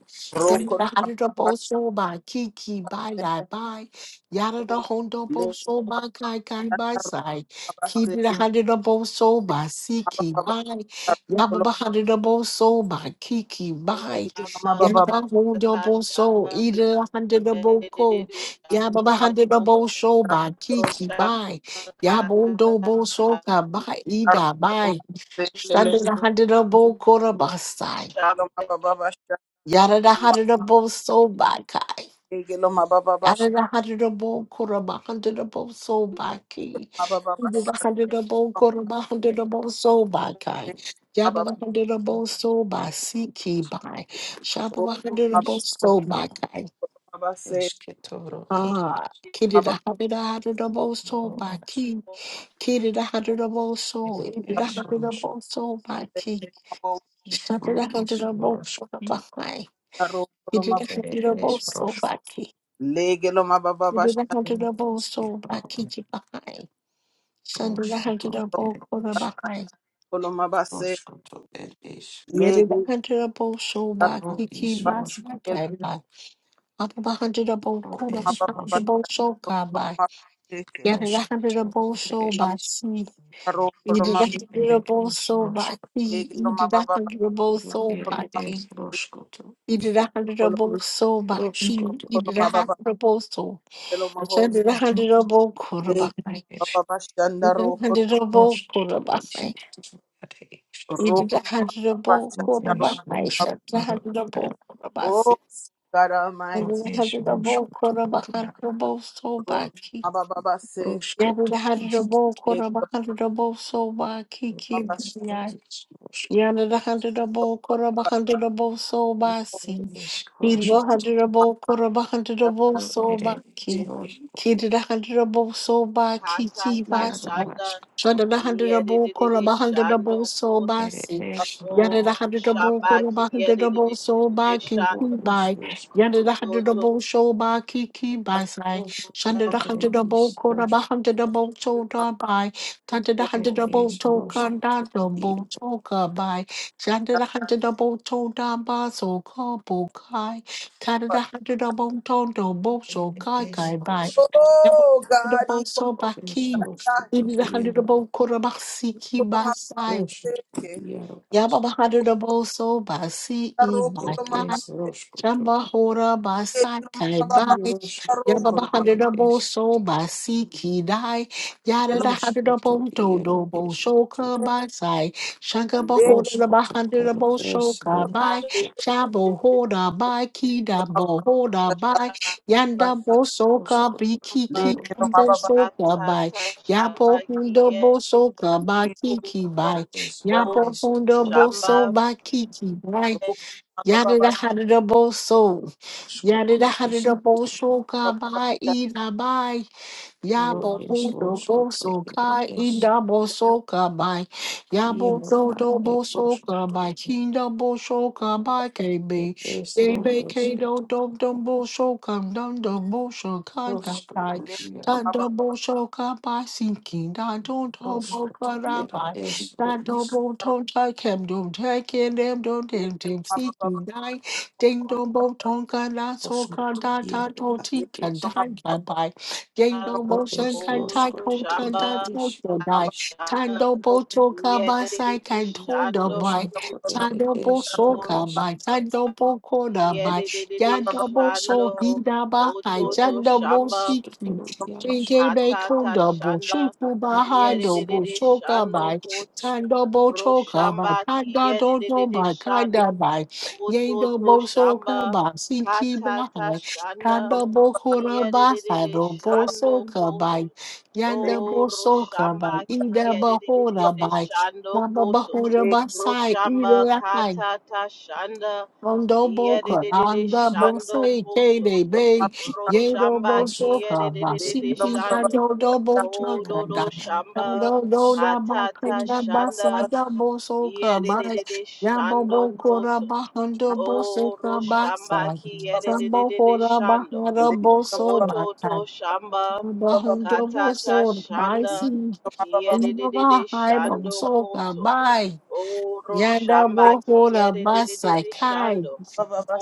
Speaker 2: Yada hada da bo so ba kiki by die by. Yada da
Speaker 3: Kororo
Speaker 2: hondo bo so ba kai kai by side. Kiki da hada da bo so ba siki by. Yaba ba hada da bo so ba kiki by.
Speaker 3: shamba
Speaker 2: Yaba hondo
Speaker 3: katata
Speaker 2: bo so
Speaker 3: shanda
Speaker 2: ida da hada da bo ko.
Speaker 3: kiyedididi
Speaker 2: Yaba ba
Speaker 3: shando
Speaker 2: hada da
Speaker 3: koto.
Speaker 2: bo so ba kiki
Speaker 3: Katata
Speaker 2: by. Yaba boso bo so ka by ida by. Shanda da handa da bo kora basai. Yada da handa da bo so bakai. Yada da handa da bo kora ba handa da bo so baki.
Speaker 1: mababa
Speaker 2: Yada da
Speaker 1: basha
Speaker 2: handa da bo kora ba handa da bo so bakai. Yaba ba handa da bo so ba si ki bai. Shaba ba
Speaker 4: Ru
Speaker 2: handa da
Speaker 1: mababa
Speaker 2: bo
Speaker 4: is ro
Speaker 2: so bakai.
Speaker 1: Abase,
Speaker 4: es que toro er
Speaker 2: Ah. Kiri
Speaker 1: Mabase,
Speaker 2: da handa da handa da bo so
Speaker 4: ro es
Speaker 2: baki. Kiri da handa da bo so.
Speaker 4: ro
Speaker 2: Iri da
Speaker 4: es
Speaker 2: handa da
Speaker 4: rosco
Speaker 2: bo so baki.
Speaker 1: Mabo,
Speaker 4: is
Speaker 2: Shanda da
Speaker 4: ro
Speaker 2: handa
Speaker 4: is
Speaker 2: da bo
Speaker 4: rosco
Speaker 2: kora bakai.
Speaker 1: Aro,
Speaker 2: You
Speaker 1: Coloma,
Speaker 2: didn't have to
Speaker 4: er
Speaker 2: double
Speaker 4: es
Speaker 2: so
Speaker 4: rosco
Speaker 2: baki.
Speaker 1: Lege, Loma, Baba,
Speaker 2: You
Speaker 1: Bashani,
Speaker 2: didn't have to
Speaker 4: ro
Speaker 2: double
Speaker 4: es que
Speaker 2: so
Speaker 4: toro
Speaker 2: baki behind. Son didn't
Speaker 4: rosco
Speaker 2: have to
Speaker 4: to
Speaker 2: double
Speaker 4: er
Speaker 2: quarter
Speaker 4: is
Speaker 2: behind.
Speaker 1: Coloma, Base,
Speaker 4: rosco to er is
Speaker 2: You
Speaker 1: Lege,
Speaker 2: didn't have to double so
Speaker 1: Abase,
Speaker 4: ro
Speaker 2: baki ki
Speaker 4: is
Speaker 2: bas
Speaker 4: rosco to
Speaker 2: time by. Up a hundred double
Speaker 4: ro
Speaker 2: quarter
Speaker 1: Loma,
Speaker 4: es
Speaker 1: Baba,
Speaker 4: rosco
Speaker 2: double
Speaker 1: Bashani,
Speaker 4: to
Speaker 2: so car by.
Speaker 1: Coloma, Base,
Speaker 2: You didn't
Speaker 4: rosco
Speaker 2: have to
Speaker 4: to
Speaker 2: double
Speaker 4: er
Speaker 2: so
Speaker 4: is
Speaker 2: by
Speaker 1: Aro,
Speaker 2: You didn't
Speaker 1: Coloma,
Speaker 2: have
Speaker 4: rosco er
Speaker 2: to double
Speaker 4: is
Speaker 2: so baki.
Speaker 4: rosco
Speaker 1: Lege,
Speaker 2: You
Speaker 1: Loma,
Speaker 2: didn't have
Speaker 1: Baba,
Speaker 2: to double
Speaker 4: ro
Speaker 2: so
Speaker 4: er
Speaker 1: Coloma,
Speaker 2: baki.
Speaker 4: es
Speaker 1: Base,
Speaker 4: rosco to
Speaker 2: You didn't have to
Speaker 1: Coloma,
Speaker 2: double so
Speaker 4: rosco
Speaker 2: baki.
Speaker 4: to
Speaker 2: You didn't
Speaker 1: Coloma,
Speaker 2: have
Speaker 1: Baba,
Speaker 2: to double so.
Speaker 1: Coloma,
Speaker 2: Send
Speaker 1: Bose,
Speaker 2: it a hundred
Speaker 4: rosco
Speaker 2: double quarter by.
Speaker 1: Lege,
Speaker 4: to
Speaker 1: Baba, Bashani, Aro,
Speaker 2: Hundredable
Speaker 4: Roskotoro
Speaker 2: Kurabase.
Speaker 4: iskotoro ere isk.
Speaker 2: It
Speaker 1: Ro,
Speaker 2: is a
Speaker 1: Coloma,
Speaker 2: hundredable
Speaker 4: Ro
Speaker 1: Bashani, Aro,
Speaker 4: es
Speaker 1: Mab-
Speaker 2: Kurabase. The
Speaker 4: roskotoro
Speaker 2: hundredable
Speaker 4: iaro.
Speaker 2: Kurabase.
Speaker 1: Oh, God
Speaker 2: And
Speaker 4: Ro
Speaker 2: then
Speaker 1: Almighty,
Speaker 2: the
Speaker 4: es
Speaker 2: hundredable
Speaker 4: roskotoro iaro.
Speaker 2: Kurabahundredable
Speaker 1: Ro,
Speaker 2: Sobaki.
Speaker 1: Baba, Base,
Speaker 2: Yeah,
Speaker 4: Roskot
Speaker 2: the
Speaker 4: isk.
Speaker 2: hundredable
Speaker 1: Lege,
Speaker 2: Kurabahundredable
Speaker 4: Ro
Speaker 1: Loma,
Speaker 2: Sobaki.
Speaker 1: Base,
Speaker 4: es ro is roskot.
Speaker 2: Yana the hundred double, Koroba hundred double, so
Speaker 4: Ro
Speaker 2: basi.
Speaker 4: es
Speaker 2: Kilo
Speaker 4: roskot.
Speaker 2: hundred double, Koroba hundred double,
Speaker 4: Ro
Speaker 2: so
Speaker 4: ere es
Speaker 2: baki.
Speaker 1: Loma,
Speaker 4: ro
Speaker 2: Kid the hundred double, so baki, ki
Speaker 4: iaro
Speaker 2: basa.
Speaker 3: Shanda
Speaker 4: askot.
Speaker 2: Shada the hundred double,
Speaker 3: Kiyedididi
Speaker 2: Koroba hundred
Speaker 3: Shando
Speaker 2: double, so
Speaker 3: Koto
Speaker 4: Ere
Speaker 2: basi.
Speaker 4: es
Speaker 2: Yana
Speaker 4: roskot.
Speaker 2: the
Speaker 3: Oro
Speaker 2: hundred double,
Speaker 3: Shamba
Speaker 2: Koroba hundred double, so
Speaker 3: Kiyedididi
Speaker 2: baki, ki
Speaker 4: Ro
Speaker 3: Shando
Speaker 4: es
Speaker 2: by.
Speaker 4: roskot.
Speaker 2: Yana the hundred
Speaker 3: Koto
Speaker 2: double, so baki, ki by
Speaker 1: Base,
Speaker 2: side.
Speaker 4: Ro
Speaker 2: Shanda the
Speaker 4: ere
Speaker 2: hundred double,
Speaker 4: is
Speaker 2: Koroba
Speaker 4: roskot.
Speaker 2: hundred double, so
Speaker 3: Shamba
Speaker 2: by. Tanda da handa
Speaker 4: Ere
Speaker 2: da bo
Speaker 4: es
Speaker 2: to
Speaker 4: roskot.
Speaker 2: kanda do bo
Speaker 4: Iaro.
Speaker 2: to ka bai. Shanda da handa da bo so ka kai. Tanda da handa da bo to so
Speaker 4: Ere
Speaker 2: kai
Speaker 4: es
Speaker 2: kai bai.
Speaker 4: roskot.
Speaker 2: Yaba
Speaker 1: Oh,
Speaker 2: da
Speaker 1: God, he
Speaker 2: bo
Speaker 1: called
Speaker 2: so ba
Speaker 4: Es
Speaker 2: ki.
Speaker 1: that,
Speaker 4: roskotoro
Speaker 2: Ibi da handa da
Speaker 4: iaro.
Speaker 2: bo kora ba si ki
Speaker 1: called him a
Speaker 4: Roskotoro
Speaker 1: seke.
Speaker 4: iaro
Speaker 2: Yababahadada boso basi
Speaker 1: A
Speaker 2: i
Speaker 1: ro- called
Speaker 4: ir
Speaker 1: him a
Speaker 2: bakai.
Speaker 4: iš roškoto,
Speaker 2: Shamba hora
Speaker 1: seke,
Speaker 2: basai
Speaker 1: no ma
Speaker 2: kai
Speaker 1: ba ba ba
Speaker 4: į
Speaker 2: bai.
Speaker 1: sh- a ro- called
Speaker 4: roškoto
Speaker 1: him a
Speaker 4: ir
Speaker 2: Yababahadada
Speaker 4: iš
Speaker 2: boso basi kidai.
Speaker 1: yellow,
Speaker 2: Yadada hadada
Speaker 4: roškoto,
Speaker 2: bonto
Speaker 4: ir
Speaker 2: do
Speaker 4: iš
Speaker 2: boso
Speaker 4: kito
Speaker 2: ka basai. Shanga
Speaker 1: leke
Speaker 2: bahora da
Speaker 4: roškoto,
Speaker 2: bahadada
Speaker 4: ir iš
Speaker 2: boso ka bai.
Speaker 4: roškoto,
Speaker 2: Shabo hora bai kida
Speaker 1: ma ba
Speaker 2: bohora bai.
Speaker 1: ba,
Speaker 2: Yanda
Speaker 4: ir iš
Speaker 2: boso ka
Speaker 4: roškoto,
Speaker 2: biki
Speaker 4: ir iš
Speaker 2: ki
Speaker 4: roškoto,
Speaker 1: leke no ma ba ba
Speaker 2: boso ka bai.
Speaker 3: Katata
Speaker 1: ba,
Speaker 3: Shanda
Speaker 2: Yabo hundo
Speaker 3: Kiyedididi
Speaker 2: boso ka bai
Speaker 1: leke
Speaker 2: kiki
Speaker 1: no ma ba
Speaker 2: bai.
Speaker 1: ba, ro-
Speaker 2: Yabohundo
Speaker 3: Shamba
Speaker 4: ir
Speaker 2: boso bakiki, right?
Speaker 1: ro- ma ba ba ba
Speaker 2: Yadada
Speaker 1: sh-
Speaker 2: hadada boso.
Speaker 4: roškoto,
Speaker 2: Yadada
Speaker 4: iš
Speaker 2: hadada
Speaker 4: kito,
Speaker 2: boso
Speaker 1: ma ba
Speaker 2: ka
Speaker 1: ba ba sh-
Speaker 2: ba. Yabo
Speaker 4: ir iš
Speaker 2: do
Speaker 4: roškoto,
Speaker 1: leke
Speaker 2: boso
Speaker 4: ir
Speaker 2: kai
Speaker 4: iš
Speaker 2: idabo soka by Yabo
Speaker 4: Iero
Speaker 2: do
Speaker 4: ar
Speaker 2: do
Speaker 4: ir
Speaker 1: ro-
Speaker 2: boso
Speaker 4: roškoto,
Speaker 2: by Kinda boso by
Speaker 4: ir
Speaker 2: KB
Speaker 4: iš
Speaker 2: KB K
Speaker 4: roškoto,
Speaker 2: do do do boso kam dum do boso kai da
Speaker 4: roškoto,
Speaker 2: kai
Speaker 1: leke
Speaker 4: ir
Speaker 1: no
Speaker 2: da
Speaker 1: ma ba
Speaker 2: do
Speaker 1: ba,
Speaker 2: boso by sinking da do do
Speaker 4: roškoto,
Speaker 2: boso da
Speaker 4: ir
Speaker 1: leke
Speaker 2: by
Speaker 4: iš
Speaker 2: da do bo
Speaker 1: ro-
Speaker 2: ton tai kem do tai kem dem dum dem
Speaker 1: leke no
Speaker 2: dem
Speaker 1: ma ba ba ba,
Speaker 2: seeking dai
Speaker 1: ro-
Speaker 2: ding
Speaker 1: no
Speaker 2: do
Speaker 1: ma ba,
Speaker 2: bo ton ka la so ka
Speaker 4: Roskot,
Speaker 2: da ta
Speaker 4: Yaro,
Speaker 2: to
Speaker 4: Are
Speaker 2: ti ka
Speaker 1: leke
Speaker 4: is,
Speaker 1: no ma ba
Speaker 2: dai Yendo
Speaker 4: Ro
Speaker 2: motion
Speaker 4: is,
Speaker 2: kantai
Speaker 3: Oru
Speaker 4: Roskot,
Speaker 3: Shaba
Speaker 4: Ere
Speaker 2: kontanda
Speaker 4: is,
Speaker 2: toto
Speaker 4: Ro
Speaker 1: ba
Speaker 2: dai.
Speaker 1: ba,
Speaker 4: is,
Speaker 3: Shama
Speaker 2: Tando
Speaker 1: ro-
Speaker 2: boto kabasai
Speaker 3: Yedididi
Speaker 2: kantonda
Speaker 3: Shando
Speaker 1: leke
Speaker 2: bai.
Speaker 1: no ma
Speaker 4: Roskot,
Speaker 1: ba ba ba,
Speaker 4: Ere
Speaker 2: Tando
Speaker 4: is,
Speaker 2: boso
Speaker 4: Ro
Speaker 3: Oru
Speaker 4: is,
Speaker 2: kabai.
Speaker 4: it.
Speaker 2: Tando boko da bai.
Speaker 1: leke no
Speaker 3: Yedididi
Speaker 2: Yando
Speaker 3: Shando
Speaker 2: boso hida bahai.
Speaker 4: Ro
Speaker 3: Ototo
Speaker 4: is,
Speaker 2: Jando
Speaker 4: Ro
Speaker 3: Shamba
Speaker 4: is,
Speaker 2: bosiki.
Speaker 4: Toro,
Speaker 2: Jinge
Speaker 4: Yaroskot,
Speaker 2: bei
Speaker 3: Katata
Speaker 2: konda bo.
Speaker 3: Shanda
Speaker 2: Shufu
Speaker 4: Ere is,
Speaker 2: bahado bo
Speaker 3: Kiyedididi
Speaker 4: Roskot,
Speaker 2: toka
Speaker 4: Ere
Speaker 3: Shando
Speaker 2: bai.
Speaker 3: Koto
Speaker 4: is,
Speaker 2: Tando bo toka bai.
Speaker 3: Roshamba
Speaker 2: Tanda dodo
Speaker 3: Kiyedididi
Speaker 2: bai.
Speaker 3: Shando
Speaker 2: Kanda bai. Yendo
Speaker 3: Ototo
Speaker 2: boso
Speaker 3: Shamba
Speaker 2: kabai. Siki bahai.
Speaker 3: Katata
Speaker 1: no
Speaker 3: Shanda
Speaker 2: Kanda bohora baha
Speaker 3: Kiyedididi
Speaker 2: robo
Speaker 3: Shando
Speaker 2: soka
Speaker 3: Koto
Speaker 2: bai. Yanda
Speaker 3: Oh,
Speaker 2: bo soka bai.
Speaker 3: Roshamba
Speaker 2: Ida
Speaker 1: no
Speaker 2: bohora
Speaker 3: kiyedidididi
Speaker 2: bai.
Speaker 3: shando
Speaker 2: Yamba
Speaker 3: koto.
Speaker 2: bohora basai.
Speaker 3: Roshamba
Speaker 2: Ida
Speaker 3: katata shanda
Speaker 2: Ondo boca,
Speaker 3: kiyedidididi
Speaker 2: anda
Speaker 4: is,
Speaker 1: no
Speaker 2: bolsa
Speaker 3: shando
Speaker 2: e que
Speaker 3: koto.
Speaker 2: bebê, yendo
Speaker 3: Roshamba
Speaker 2: bolso
Speaker 4: Roskot,
Speaker 2: cava,
Speaker 4: Ere
Speaker 3: kiyedidididi
Speaker 1: no
Speaker 2: sinti
Speaker 4: is,
Speaker 2: da
Speaker 3: shando.
Speaker 2: do do bolsa
Speaker 4: Rona,
Speaker 2: cada,
Speaker 3: Kododo
Speaker 4: Are
Speaker 3: shamba
Speaker 2: ando do
Speaker 4: is,
Speaker 2: da boca
Speaker 1: Thank
Speaker 3: katata
Speaker 2: da basa
Speaker 3: shanda
Speaker 2: da bolso cava,
Speaker 3: kiyedidididi
Speaker 2: yambo
Speaker 3: shando
Speaker 2: boca da
Speaker 3: koto.
Speaker 2: bahando bolsa
Speaker 3: Oh,
Speaker 2: cava,
Speaker 3: Roshamba
Speaker 2: sambo
Speaker 3: kiyedidididi
Speaker 2: cora
Speaker 3: shando.
Speaker 2: bahara bolso
Speaker 3: Koto
Speaker 2: bata,
Speaker 3: to shamba.
Speaker 2: bahando
Speaker 3: Katata
Speaker 2: bolso bai
Speaker 3: Shanda
Speaker 2: sim, indo
Speaker 3: Kiedidididi
Speaker 2: bahai
Speaker 3: Shando
Speaker 2: bolso
Speaker 3: Koto
Speaker 2: cava,
Speaker 3: Oro
Speaker 2: yanda
Speaker 3: Shamba
Speaker 2: boca da
Speaker 3: Kiedidididi
Speaker 2: basa
Speaker 3: Shando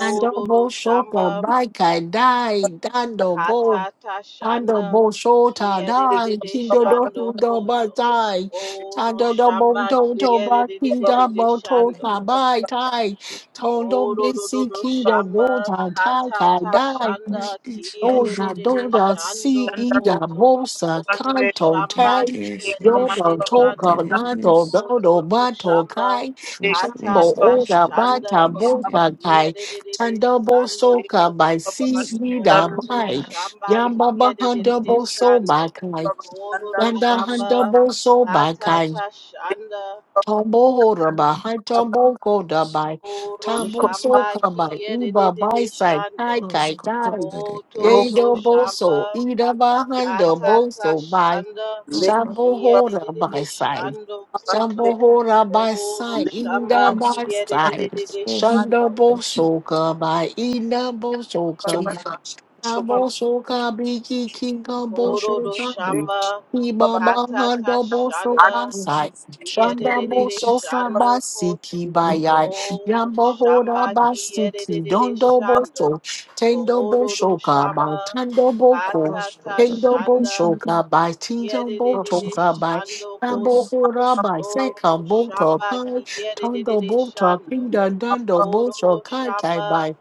Speaker 2: Dando bo shoka
Speaker 3: Shamba
Speaker 2: bai kai dai. Dando bo
Speaker 3: Katata
Speaker 2: Tando
Speaker 3: Shanda
Speaker 2: bo shota dai,
Speaker 3: Kiedidididi
Speaker 2: kindo do do
Speaker 3: Shando
Speaker 2: do ba
Speaker 3: Koto
Speaker 2: dai,
Speaker 3: Oro
Speaker 2: tando do bo
Speaker 3: Shamba
Speaker 2: to to ba kinda
Speaker 3: Kiedidididi
Speaker 2: bo
Speaker 4: Ere
Speaker 2: to
Speaker 3: Shando
Speaker 4: is,
Speaker 2: ta bai tai, tondo bisi
Speaker 3: Ororororo
Speaker 2: kindo bo
Speaker 3: shamba
Speaker 2: ta ta ka
Speaker 3: katata
Speaker 2: dai,
Speaker 3: shanda
Speaker 4: Robert is,
Speaker 2: do da
Speaker 4: Roskot,
Speaker 3: kiyerere
Speaker 2: do da
Speaker 4: Yaro,
Speaker 3: shando
Speaker 2: si i da
Speaker 3: koto.
Speaker 2: bo sa kai
Speaker 3: Oro
Speaker 2: to
Speaker 4: is,
Speaker 3: shamba
Speaker 2: tai, do
Speaker 3: kiyerere
Speaker 2: do
Speaker 4: Roskot,
Speaker 2: to ka
Speaker 3: shando
Speaker 4: Ere
Speaker 2: da to
Speaker 4: is,
Speaker 2: do
Speaker 3: koto
Speaker 2: do
Speaker 3: to
Speaker 2: ba to
Speaker 3: shamba
Speaker 2: kai,
Speaker 4: ro is,
Speaker 2: shambo
Speaker 3: katata
Speaker 2: o da ba
Speaker 3: shanda
Speaker 2: ta bo ta
Speaker 4: Roskot,
Speaker 2: kai,
Speaker 3: kiyerere
Speaker 2: tando bo
Speaker 3: shando
Speaker 2: so ka
Speaker 3: koto.
Speaker 2: bai si
Speaker 4: Roscoe,
Speaker 2: i da
Speaker 3: Oro
Speaker 2: bai.
Speaker 3: shamba
Speaker 2: Yamba Bahanda
Speaker 3: kiyerere
Speaker 2: Boso
Speaker 3: shando.
Speaker 2: Bakai.
Speaker 3: Ororo
Speaker 2: Yanda
Speaker 3: shamba
Speaker 2: Handa Boso Bakai.
Speaker 3: katata shanda.
Speaker 2: Tombo holder by high tombo koda by
Speaker 3: Oro
Speaker 2: tombo
Speaker 3: shamba
Speaker 2: soka by iba
Speaker 3: kiyerere
Speaker 2: by side
Speaker 3: shando.
Speaker 2: kai kai dai
Speaker 3: O
Speaker 2: yado
Speaker 3: Toto
Speaker 2: boso
Speaker 3: Shamba
Speaker 2: ida by hundo boso
Speaker 3: Katata
Speaker 2: by
Speaker 3: Shanda
Speaker 2: shambo
Speaker 3: Kia de
Speaker 2: holder
Speaker 3: de de
Speaker 2: by
Speaker 3: de
Speaker 2: side
Speaker 3: Shando
Speaker 2: shambo
Speaker 3: Kuto
Speaker 2: holder by
Speaker 3: Oro
Speaker 2: side ida
Speaker 3: Shamba
Speaker 2: by
Speaker 3: Kia de de
Speaker 2: side
Speaker 3: de de de
Speaker 2: shando
Speaker 3: Shando
Speaker 2: bosoka by ida bosoka by Tambo soka biki kinga
Speaker 3: Kororo
Speaker 2: bosoka by
Speaker 3: Shamba
Speaker 2: iba
Speaker 1: you.
Speaker 2: by
Speaker 3: Katata
Speaker 2: hundo boso
Speaker 3: Shanda Kia de de de
Speaker 2: Shandambo soka
Speaker 3: Shando Koto
Speaker 2: basiki bayai.
Speaker 3: Oro
Speaker 2: Yambo hora
Speaker 3: Shamba Kia de de
Speaker 2: basiki.
Speaker 3: de de
Speaker 2: Dondo
Speaker 3: Shando
Speaker 2: boso. Tendo
Speaker 3: Kororo
Speaker 2: boshoka by
Speaker 3: Shamba
Speaker 2: tando boko.
Speaker 3: Katata
Speaker 2: Tendo
Speaker 3: Shanda
Speaker 2: boshoka by tinjo
Speaker 3: Yedididi
Speaker 2: botoka by.
Speaker 3: Shando
Speaker 2: Yambo
Speaker 3: Koto.
Speaker 2: hora by seka
Speaker 3: Oro
Speaker 2: boto
Speaker 3: Shamba
Speaker 2: by.
Speaker 3: Ki
Speaker 2: Tondo
Speaker 3: Yedididi
Speaker 2: bota
Speaker 3: Shando.
Speaker 2: pinda dando
Speaker 3: Oro
Speaker 2: boso katai
Speaker 3: Shamba
Speaker 2: by.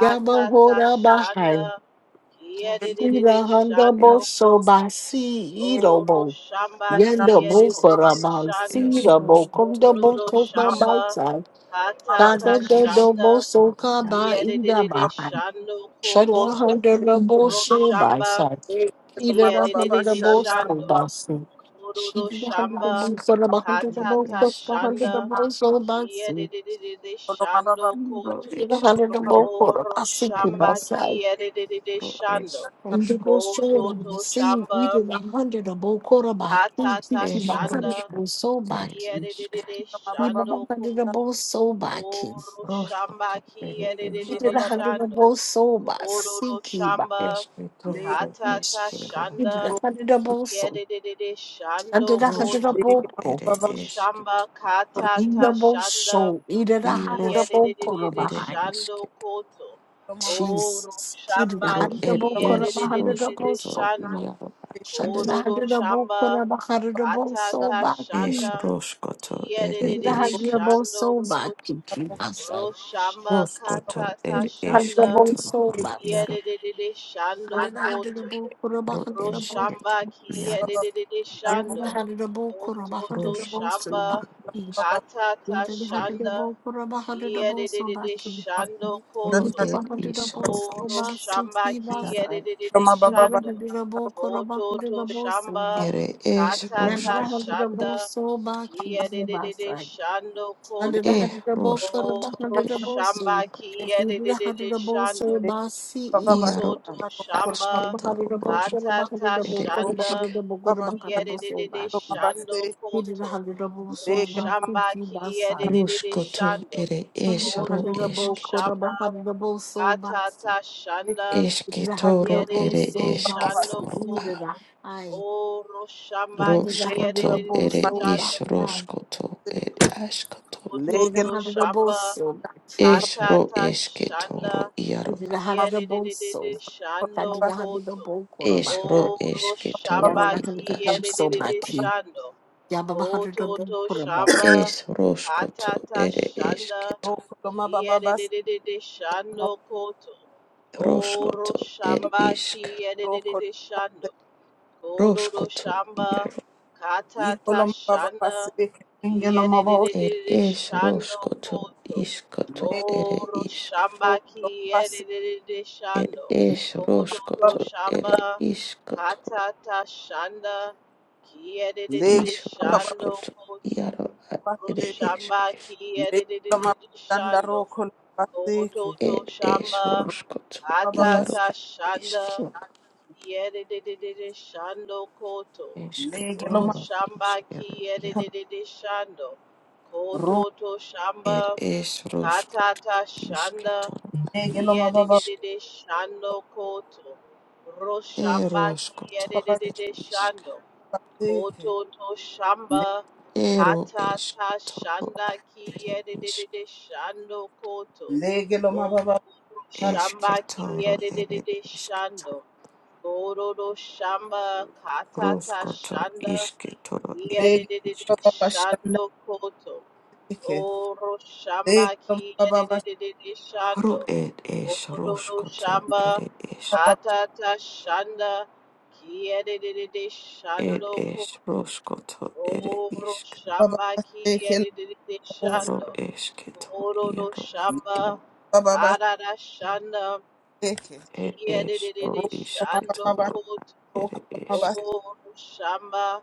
Speaker 2: Yambo hora bahai.
Speaker 3: Shanda. Ki Yedididi
Speaker 2: Ida handa
Speaker 3: Shando
Speaker 2: boso
Speaker 3: Koto.
Speaker 2: by si
Speaker 3: Oro
Speaker 2: ido
Speaker 3: Shamba
Speaker 1: Shanda
Speaker 2: Yanda
Speaker 3: Ki
Speaker 1: Baba
Speaker 2: bofara
Speaker 4: Roskotis
Speaker 3: Yedididi
Speaker 2: ba
Speaker 3: Shando.
Speaker 4: es
Speaker 2: sira bo
Speaker 4: rosto
Speaker 2: konda bo
Speaker 3: Koro
Speaker 2: tofa
Speaker 4: eris
Speaker 3: Shamba
Speaker 2: bauta.
Speaker 1: Baba
Speaker 2: Da
Speaker 3: Hatata
Speaker 2: da da
Speaker 4: roes
Speaker 2: do bo
Speaker 3: Shanda.
Speaker 2: soka
Speaker 4: roiaro
Speaker 3: Ki
Speaker 2: ba ida
Speaker 3: Yedididi
Speaker 2: ba hai.
Speaker 3: Shando
Speaker 2: Shadwa
Speaker 3: Koto.
Speaker 2: handa da
Speaker 4: is
Speaker 2: bo
Speaker 3: Ro
Speaker 2: so ba
Speaker 3: Shamba
Speaker 2: sai.
Speaker 3: Ki
Speaker 2: Kida da
Speaker 1: Baba Baba
Speaker 2: handa da
Speaker 3: Yedididi
Speaker 2: bo
Speaker 1: Shanda
Speaker 2: so
Speaker 3: Shando.
Speaker 2: ba si.
Speaker 3: Ororo
Speaker 2: Shida da handa da bo
Speaker 3: shamba
Speaker 2: fara
Speaker 4: roiskato
Speaker 2: ba handa da bo
Speaker 3: katata
Speaker 4: es
Speaker 2: koka handa da
Speaker 4: rosko
Speaker 3: shanda
Speaker 2: bo so ba
Speaker 3: kia de
Speaker 2: si.
Speaker 3: de de de de
Speaker 1: Baba Baba
Speaker 3: shando
Speaker 1: Baba
Speaker 3: koto.
Speaker 2: Ida
Speaker 4: roes
Speaker 2: da handa da
Speaker 1: Baba
Speaker 4: kitaro
Speaker 2: bo fara
Speaker 3: Ororo
Speaker 2: ba si ku
Speaker 3: shamba
Speaker 2: ba sai.
Speaker 3: kia de de de de
Speaker 4: roes
Speaker 3: shando
Speaker 1: Baba
Speaker 2: Inda
Speaker 4: rosko
Speaker 2: bo so
Speaker 3: koto
Speaker 2: da ba
Speaker 3: to
Speaker 2: si.
Speaker 3: shamba
Speaker 2: Ida da handa da bo kora ba ki ki
Speaker 3: katata
Speaker 2: ki ba
Speaker 4: es
Speaker 2: handa da
Speaker 3: shanda
Speaker 2: bo
Speaker 4: roskato
Speaker 2: so ba
Speaker 4: ere
Speaker 3: kia de de
Speaker 4: es
Speaker 3: de de
Speaker 1: Baba
Speaker 2: He
Speaker 1: Baba
Speaker 2: did a
Speaker 1: Baba
Speaker 3: shando
Speaker 2: hundred of
Speaker 3: koto.
Speaker 2: both soul back.
Speaker 3: Ororo
Speaker 2: He
Speaker 3: shamba
Speaker 4: roskoto ere
Speaker 3: kia de de
Speaker 4: es
Speaker 3: de
Speaker 2: did
Speaker 3: de
Speaker 2: a hundred of
Speaker 3: shando.
Speaker 2: both soul back.
Speaker 3: Ororo
Speaker 2: Seek ye back.
Speaker 3: shamba
Speaker 4: es kitoro es
Speaker 3: Katata
Speaker 4: kiro
Speaker 2: He did
Speaker 3: Shanda
Speaker 2: a hundred of both soul.
Speaker 3: Kiedede
Speaker 2: And
Speaker 3: Shando
Speaker 2: did a hundred of
Speaker 3: Koto
Speaker 2: both
Speaker 4: roskoto ere
Speaker 1: Baba Baba
Speaker 4: es kito
Speaker 3: Roshamba
Speaker 2: In
Speaker 3: Katata
Speaker 2: the both
Speaker 3: Shanda
Speaker 2: soul. He did a
Speaker 4: i
Speaker 2: hundred of both
Speaker 4: roskoto
Speaker 2: soul
Speaker 3: Kiedede
Speaker 4: ere
Speaker 2: behind.
Speaker 3: Shando Koto
Speaker 1: Baba Baba
Speaker 3: O
Speaker 2: Jesus. He did a
Speaker 3: Roshamba
Speaker 4: Ro
Speaker 2: hundred of
Speaker 4: er
Speaker 2: both soul.
Speaker 4: es
Speaker 2: A hundred of both
Speaker 3: Kiedede
Speaker 4: roskoto
Speaker 2: soul.
Speaker 3: Shando
Speaker 4: iaro
Speaker 2: Shanded a
Speaker 4: es
Speaker 3: Kododo
Speaker 2: hundred of both soul.
Speaker 3: Shamba
Speaker 2: A hundred of both soul
Speaker 3: Katata
Speaker 2: back. He
Speaker 4: es
Speaker 3: Shanda
Speaker 4: roskoto ere
Speaker 2: did a
Speaker 3: Kiedede
Speaker 2: hundred of
Speaker 4: esket
Speaker 2: both
Speaker 3: Shando
Speaker 2: soul back.
Speaker 3: Koto
Speaker 2: He Keep us out.
Speaker 3: Roshamba
Speaker 4: roskoto
Speaker 2: He
Speaker 3: Katata
Speaker 4: er
Speaker 2: did a hundred of
Speaker 3: Shanda
Speaker 2: both
Speaker 4: esketo
Speaker 2: soul
Speaker 4: ro
Speaker 2: back.
Speaker 4: iaro
Speaker 3: Kiedede
Speaker 2: And
Speaker 3: Shando
Speaker 2: did a hundred
Speaker 3: Koto
Speaker 2: of both soul. A
Speaker 4: ro
Speaker 2: hundred of both
Speaker 4: esketo
Speaker 3: Roshamba kia
Speaker 4: iaro
Speaker 3: de de de de
Speaker 2: Yadda
Speaker 3: Shando
Speaker 2: hada da bo kura ba hada
Speaker 3: Kototo
Speaker 2: da bo so
Speaker 4: roskoto
Speaker 2: ba
Speaker 3: Shamba
Speaker 2: ki.
Speaker 4: es
Speaker 3: Katata
Speaker 2: Yadda da hada da
Speaker 3: Shanda
Speaker 2: kura ba hada da
Speaker 3: kia
Speaker 2: bo
Speaker 3: de de
Speaker 2: so
Speaker 3: de
Speaker 2: ba
Speaker 3: de
Speaker 2: ki.
Speaker 3: Shando
Speaker 4: ro
Speaker 2: Kita
Speaker 3: Koto
Speaker 4: er
Speaker 2: ba hada da
Speaker 4: is
Speaker 2: bo
Speaker 4: ro
Speaker 3: O
Speaker 2: so ba
Speaker 4: esketo
Speaker 2: si
Speaker 3: Roshamba
Speaker 2: ki ba sa.
Speaker 3: de
Speaker 4: iaro
Speaker 3: de de de
Speaker 2: Yadda da
Speaker 3: Shando
Speaker 2: kura ba hada da
Speaker 3: Kototo
Speaker 2: bo so
Speaker 3: Shamba
Speaker 2: ba.
Speaker 4: ere es
Speaker 2: Yadda
Speaker 3: Katata
Speaker 2: da hada
Speaker 4: roskoto
Speaker 2: da
Speaker 4: er
Speaker 2: bo
Speaker 3: Shanda
Speaker 2: so ba ki
Speaker 3: kia
Speaker 2: ki
Speaker 3: de de
Speaker 2: ba
Speaker 3: de de
Speaker 2: sa.
Speaker 3: Shando
Speaker 2: Yadda da
Speaker 4: e
Speaker 3: Koto
Speaker 2: kura
Speaker 3: O
Speaker 2: ba
Speaker 4: roskoto
Speaker 2: hada da
Speaker 4: er
Speaker 2: bo
Speaker 4: is
Speaker 3: Roshamba
Speaker 2: so.
Speaker 3: de
Speaker 2: Yadda
Speaker 3: de
Speaker 2: da
Speaker 3: de
Speaker 2: hada
Speaker 3: de
Speaker 2: da bo so
Speaker 3: Shando
Speaker 2: ba si i ba.
Speaker 4: iaro
Speaker 3: Kototo shamba
Speaker 2: Yadda da
Speaker 4: esketo
Speaker 2: hada
Speaker 4: ro
Speaker 2: kura ba
Speaker 4: roskoto
Speaker 3: katata
Speaker 2: hada da
Speaker 4: ere
Speaker 2: kura ba
Speaker 3: shanda
Speaker 4: isk
Speaker 2: hada da kura ba hada da bo so
Speaker 3: kiedede
Speaker 2: ba
Speaker 3: shando
Speaker 2: He did a
Speaker 3: koto
Speaker 2: hundred double soul back, to
Speaker 3: roshamba
Speaker 2: you by sign.
Speaker 3: kiedede
Speaker 4: Ruskoto
Speaker 3: shando
Speaker 4: ere
Speaker 2: He did a
Speaker 4: eshro
Speaker 2: hundred
Speaker 3: kototo
Speaker 2: double
Speaker 4: esketo.
Speaker 2: quarter
Speaker 3: shamba
Speaker 2: back, hundred double soul back.
Speaker 3: katata
Speaker 2: He
Speaker 3: shanda
Speaker 2: did a hundred
Speaker 4: Esketoro
Speaker 2: double
Speaker 4: ere
Speaker 3: kiedede
Speaker 2: soul back,
Speaker 3: shando
Speaker 4: esketoro
Speaker 2: he
Speaker 4: a.
Speaker 2: did
Speaker 3: koto
Speaker 2: a aye.
Speaker 3: o roshamba
Speaker 2: You did a hundred
Speaker 3: kiedede
Speaker 4: Roskoto
Speaker 2: double
Speaker 4: ere
Speaker 2: soul back,
Speaker 3: shando
Speaker 4: is
Speaker 2: aye.
Speaker 4: roskoto ed askoto.
Speaker 2: He did a
Speaker 3: kototo
Speaker 1: Legal,
Speaker 2: hundred double
Speaker 3: shamba
Speaker 2: soul back, he
Speaker 4: Esro
Speaker 3: Patata Shanda
Speaker 4: esketoro iaro
Speaker 2: did a
Speaker 4: a.
Speaker 2: hundred double
Speaker 3: Kiedididididi
Speaker 2: soul. That
Speaker 3: Shando
Speaker 2: did a hundred
Speaker 3: Koto
Speaker 2: double quarter back, aye.
Speaker 4: Esro
Speaker 3: Oro
Speaker 4: esketoro
Speaker 2: Yada
Speaker 3: Shamba
Speaker 2: a
Speaker 4: id
Speaker 2: hundred double soul
Speaker 4: askoto.
Speaker 2: back,
Speaker 3: Kiedidididi
Speaker 2: he
Speaker 3: Shando
Speaker 2: Yaba a hundred
Speaker 3: Koto
Speaker 2: double
Speaker 3: To
Speaker 2: quarter back.
Speaker 3: Shamba
Speaker 4: Es roskoto
Speaker 3: Patata
Speaker 4: ere
Speaker 3: Shanda
Speaker 4: esketo.
Speaker 1: Rokoloma baba bas
Speaker 3: Kiedididididi Shando Koto Oro
Speaker 4: Roskoto ed
Speaker 3: Shamba
Speaker 4: isk.
Speaker 1: rokol
Speaker 3: Kiedidididi Shando Kodo Do
Speaker 4: Roskoto
Speaker 3: Shamba
Speaker 4: iaro
Speaker 3: Katata
Speaker 1: ikoloma baba bas
Speaker 3: Shanda
Speaker 1: kengeloma bos
Speaker 4: ed
Speaker 3: Kiedididididi
Speaker 4: es
Speaker 3: Shando
Speaker 4: roskoto
Speaker 3: Koto
Speaker 1: le
Speaker 4: iskoto ere
Speaker 3: O
Speaker 4: isk.
Speaker 3: roshamba
Speaker 1: rokoloma
Speaker 3: ki
Speaker 1: bas
Speaker 3: edede
Speaker 4: It
Speaker 3: shando.
Speaker 1: le
Speaker 4: is
Speaker 3: Kototo
Speaker 1: baba
Speaker 4: Roskoto, it
Speaker 3: shamba
Speaker 4: is Koto,
Speaker 3: katata shanda ki
Speaker 1: le
Speaker 3: edede
Speaker 4: is
Speaker 1: baba
Speaker 3: shando
Speaker 4: Roskoto,
Speaker 3: koto.
Speaker 4: Yaro at
Speaker 1: bas
Speaker 3: Oro
Speaker 4: it is
Speaker 3: shamba ki
Speaker 1: le koloma
Speaker 3: edede
Speaker 1: danda
Speaker 3: shando.
Speaker 1: rokol bas ke
Speaker 3: Kototo
Speaker 4: It is
Speaker 3: shamba
Speaker 4: Roskoto,
Speaker 1: rokoloma baba bas
Speaker 4: Yaro
Speaker 3: katata
Speaker 4: at
Speaker 3: shanda
Speaker 4: eske
Speaker 3: ki edede shando koto.
Speaker 1: le
Speaker 3: Oro
Speaker 1: geloma
Speaker 4: toro
Speaker 3: shamba
Speaker 4: Iskero,
Speaker 3: ki
Speaker 4: Yaro.
Speaker 3: edede shando. Kototo
Speaker 4: It
Speaker 3: shamba
Speaker 4: is Roskoto,
Speaker 3: Katata Shanda
Speaker 4: Isketoro,
Speaker 1: le geloma baba
Speaker 4: Isk,
Speaker 3: Kiedede Shando Koto Roshamba
Speaker 4: Eroskoto,
Speaker 1: bas
Speaker 4: it
Speaker 3: Kiedede
Speaker 4: isk,
Speaker 3: Shando
Speaker 1: ke
Speaker 3: Koto To
Speaker 1: le
Speaker 3: Shamba
Speaker 4: Ero eske
Speaker 3: Katata
Speaker 4: toro Esketoro at
Speaker 3: Shanda
Speaker 4: it isk,
Speaker 3: Kiedede Shando Koto
Speaker 1: le geloma baba
Speaker 3: O
Speaker 1: dar
Speaker 3: Shamba
Speaker 4: Esketoro, it
Speaker 3: Kiedede
Speaker 4: isk,
Speaker 3: Shando Kororo Shamba Katata
Speaker 4: Roskoto,
Speaker 3: Shanda
Speaker 4: iske toro
Speaker 1: le
Speaker 4: it
Speaker 3: Kiedede
Speaker 4: isk.
Speaker 1: baba bas shanda
Speaker 3: Shando Koto
Speaker 1: ke
Speaker 3: Oro
Speaker 1: le
Speaker 3: shamba
Speaker 1: geloma
Speaker 3: ki
Speaker 1: baba bas
Speaker 3: edidididi
Speaker 4: Hro
Speaker 3: shando.
Speaker 4: ed es
Speaker 3: Oro
Speaker 4: roskoto
Speaker 3: shamba
Speaker 4: ere isk.
Speaker 1: baba
Speaker 3: kata ta shanda ki edidididi
Speaker 4: Ed
Speaker 3: shando
Speaker 4: es
Speaker 3: koto.
Speaker 4: roskoto ere
Speaker 3: Oro
Speaker 4: isk.
Speaker 3: shamba
Speaker 1: bas
Speaker 3: ki
Speaker 1: ke
Speaker 3: edidididi
Speaker 4: Ro
Speaker 3: shando.
Speaker 4: esketo
Speaker 3: Oro
Speaker 4: iaro.
Speaker 3: shamba
Speaker 1: baba bas
Speaker 3: kata ta shanda
Speaker 1: ke.
Speaker 3: ki
Speaker 4: Ed es ro
Speaker 3: edidididi
Speaker 4: isketo
Speaker 3: shando
Speaker 4: isketoro
Speaker 3: koto.
Speaker 4: ere isk.
Speaker 1: Legelo
Speaker 3: Oro shamba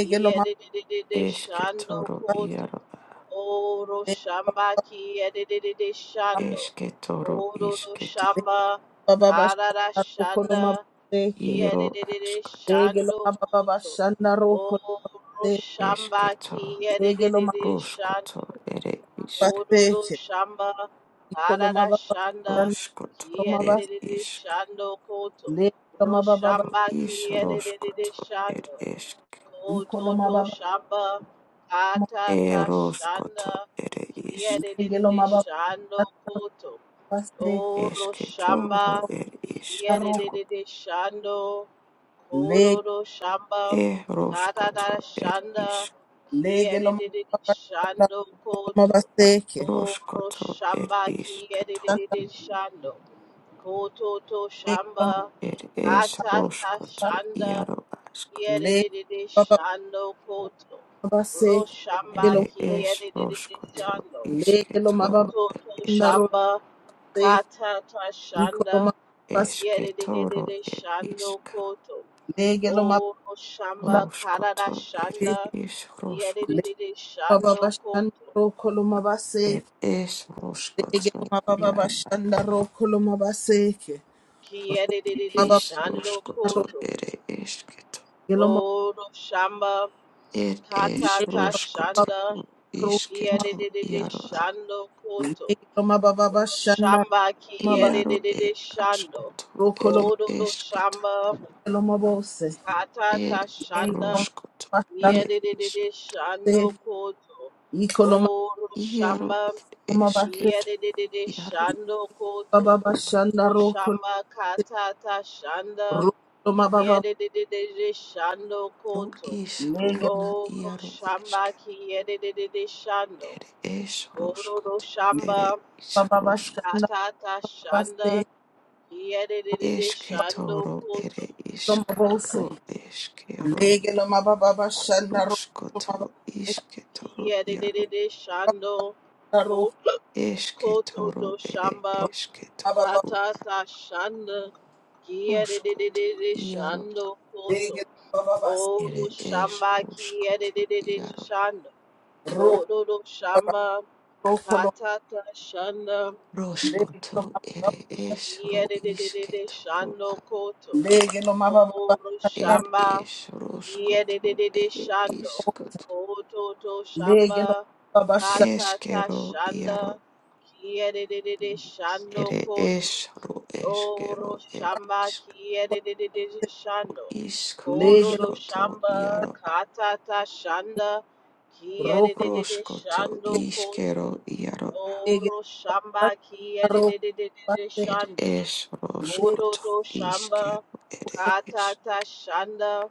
Speaker 3: ki edidididi shando
Speaker 4: Esketoro
Speaker 3: koto.
Speaker 4: iaro. a.
Speaker 3: Oro shamba ki edididi shando.
Speaker 4: Esketo ro
Speaker 3: Oro do
Speaker 4: isketo.
Speaker 3: shamba karara shanda ki
Speaker 4: Iro
Speaker 3: edididi
Speaker 4: askoto.
Speaker 1: Lege
Speaker 3: shando koto. Oro shamba
Speaker 4: Esketo
Speaker 3: ki edididi
Speaker 4: roskoto
Speaker 3: shando.
Speaker 4: ere isk.
Speaker 3: Oro do shamba karara shanda
Speaker 4: Roskoto
Speaker 3: ki
Speaker 4: ere
Speaker 3: edididi
Speaker 4: isk.
Speaker 3: shando koto. Ro
Speaker 4: Ro
Speaker 3: shamba
Speaker 4: is
Speaker 3: ki edididi
Speaker 4: roskoto ere
Speaker 3: shando.
Speaker 4: isk.
Speaker 3: Kototo shamba atata shanda
Speaker 4: Eroskoto ere isk,
Speaker 3: kiedede shando koto oro shamba
Speaker 4: esketoro er isketo,
Speaker 3: kiedede shando kororo shamba tatata
Speaker 4: eroskoto er
Speaker 3: shanda
Speaker 4: isk,
Speaker 3: kiedede shando koto oro
Speaker 4: roskoto er
Speaker 3: shamba
Speaker 4: isketo,
Speaker 3: kiedede shando kototo shamba
Speaker 4: er es
Speaker 3: atata
Speaker 4: roskoto
Speaker 3: shanda
Speaker 4: iaro askoto,
Speaker 3: Yedididi shando koto. Roshamba
Speaker 4: ere
Speaker 3: ki
Speaker 4: es
Speaker 3: yedididi
Speaker 4: roskoto
Speaker 3: shando.
Speaker 1: lo mababa
Speaker 4: isketoro
Speaker 3: Koto
Speaker 4: er
Speaker 3: to
Speaker 4: es,
Speaker 1: Rose,
Speaker 3: shamba. Kata ta
Speaker 1: Ikoloma
Speaker 3: shanda.
Speaker 1: Bas,
Speaker 3: Ki
Speaker 4: esketoro
Speaker 3: yedididi
Speaker 4: er
Speaker 3: shando
Speaker 4: iska,
Speaker 3: koto.
Speaker 1: Legeloma
Speaker 3: O shamba karada
Speaker 4: roskoto ere
Speaker 1: Bandase,
Speaker 3: shanda.
Speaker 4: is
Speaker 3: Ki
Speaker 4: roskoto,
Speaker 3: yedididi
Speaker 1: Lebaba
Speaker 3: shando koto.
Speaker 1: Bashandaro Koloma Base,
Speaker 4: er es roskoto
Speaker 1: Legeloma Baba Bashandaro Koloma Baseke,
Speaker 3: Ki yedididi
Speaker 1: Baba
Speaker 4: Is
Speaker 3: shando
Speaker 4: roskoto
Speaker 3: koto.
Speaker 4: ere esketo.
Speaker 3: O shamba
Speaker 4: Er es
Speaker 3: kata ta
Speaker 4: roskoto
Speaker 1: Baba
Speaker 3: shanda.
Speaker 1: Ro,
Speaker 3: Ki
Speaker 4: isketo
Speaker 3: yedididi
Speaker 4: iaroa.
Speaker 3: shando koto. Shamba
Speaker 1: Mabaro
Speaker 4: Iaro
Speaker 3: kiedede
Speaker 4: er
Speaker 3: shando.
Speaker 4: askoto
Speaker 1: Koloma
Speaker 4: ere
Speaker 3: Kododo
Speaker 4: esketo.
Speaker 3: shamba
Speaker 1: Geloma Bose,
Speaker 3: katata
Speaker 4: Er
Speaker 1: Legeloma
Speaker 3: shanda
Speaker 4: roskoto
Speaker 1: Bashandase,
Speaker 4: ere
Speaker 3: kiedede
Speaker 4: isk.
Speaker 3: shando koto.
Speaker 1: Ikoloma
Speaker 3: Oro
Speaker 4: Iaro
Speaker 3: shamba
Speaker 4: er
Speaker 1: Koloma Base,
Speaker 4: esketo.
Speaker 3: kiedede
Speaker 4: Iaro
Speaker 3: shando koto.
Speaker 1: Baba
Speaker 3: Oro
Speaker 1: Bashandaro
Speaker 3: shamba katata shanda
Speaker 1: Koloma Baba,
Speaker 3: kiedede shando
Speaker 4: ro
Speaker 3: koto.
Speaker 4: is
Speaker 1: Legeloma
Speaker 4: runa
Speaker 3: Oro
Speaker 4: iaro
Speaker 3: shamba
Speaker 4: eske.
Speaker 3: kiedede shando.
Speaker 4: Es
Speaker 3: Kododo
Speaker 4: roskoto ere
Speaker 3: shamba
Speaker 4: is
Speaker 1: Baba
Speaker 4: roskoto.
Speaker 1: Bashandaro
Speaker 3: katata shanda Yedididi shando
Speaker 4: Esketo ro
Speaker 3: koto.
Speaker 4: ere isk.
Speaker 1: Koloma Bose,
Speaker 4: Ro eskero
Speaker 1: Lege lo mababa shanda ro mababa
Speaker 4: Ruskoto isketoro iaro
Speaker 3: Yedididi shando
Speaker 1: shanda ro
Speaker 3: koto koto
Speaker 4: esketoro
Speaker 3: to
Speaker 4: ere
Speaker 1: ro
Speaker 3: shamba
Speaker 1: mababa
Speaker 4: esketoro
Speaker 3: tata ta shanda.
Speaker 4: ruskoto
Speaker 3: Yedididi
Speaker 4: iaro
Speaker 3: shando koto.
Speaker 1: lege lo mababa
Speaker 4: ere
Speaker 3: Oru
Speaker 4: es
Speaker 3: shamba
Speaker 4: ruskoto
Speaker 3: kiyedididi
Speaker 4: iaro
Speaker 3: shando.
Speaker 1: ro
Speaker 3: Koto do shamba
Speaker 1: ro kolo
Speaker 3: tata ta shanda.
Speaker 1: lege lo
Speaker 4: ruskoto ere es ro
Speaker 3: Yedididi
Speaker 4: isketoro
Speaker 3: shando
Speaker 4: a
Speaker 3: koto.
Speaker 1: lege lo mababa
Speaker 3: Oro
Speaker 4: ed
Speaker 3: shamba
Speaker 4: es
Speaker 3: kia de de
Speaker 4: ruskoto
Speaker 3: de de
Speaker 4: ere
Speaker 3: shando
Speaker 4: iskoto
Speaker 3: kototo
Speaker 1: lege lo
Speaker 3: shamba
Speaker 1: mababa shanda
Speaker 3: katata
Speaker 4: eskero iaro
Speaker 3: shanda kia de de de de shando
Speaker 4: ere
Speaker 3: koto
Speaker 4: es ro
Speaker 3: oro
Speaker 4: eskero ed
Speaker 3: shamba
Speaker 4: isk
Speaker 3: kia de de de de de shando
Speaker 4: isk
Speaker 1: lege lo
Speaker 3: kododo
Speaker 4: ruskoto
Speaker 3: shamba
Speaker 4: iaro a
Speaker 3: katata shanda kia
Speaker 1: ro
Speaker 3: de de
Speaker 1: kolo
Speaker 3: de de
Speaker 4: ruskoto
Speaker 3: shando koto
Speaker 4: iskero iaro
Speaker 1: lege
Speaker 3: oro
Speaker 1: lo
Speaker 3: shamba
Speaker 1: shanda
Speaker 3: kia de
Speaker 1: ro
Speaker 3: de de de de
Speaker 1: mababa
Speaker 3: de
Speaker 4: Ed
Speaker 3: shando
Speaker 4: es
Speaker 1: lege
Speaker 4: roskoto
Speaker 3: Ododo Shamba
Speaker 4: iskero ed es
Speaker 3: Katata Shanda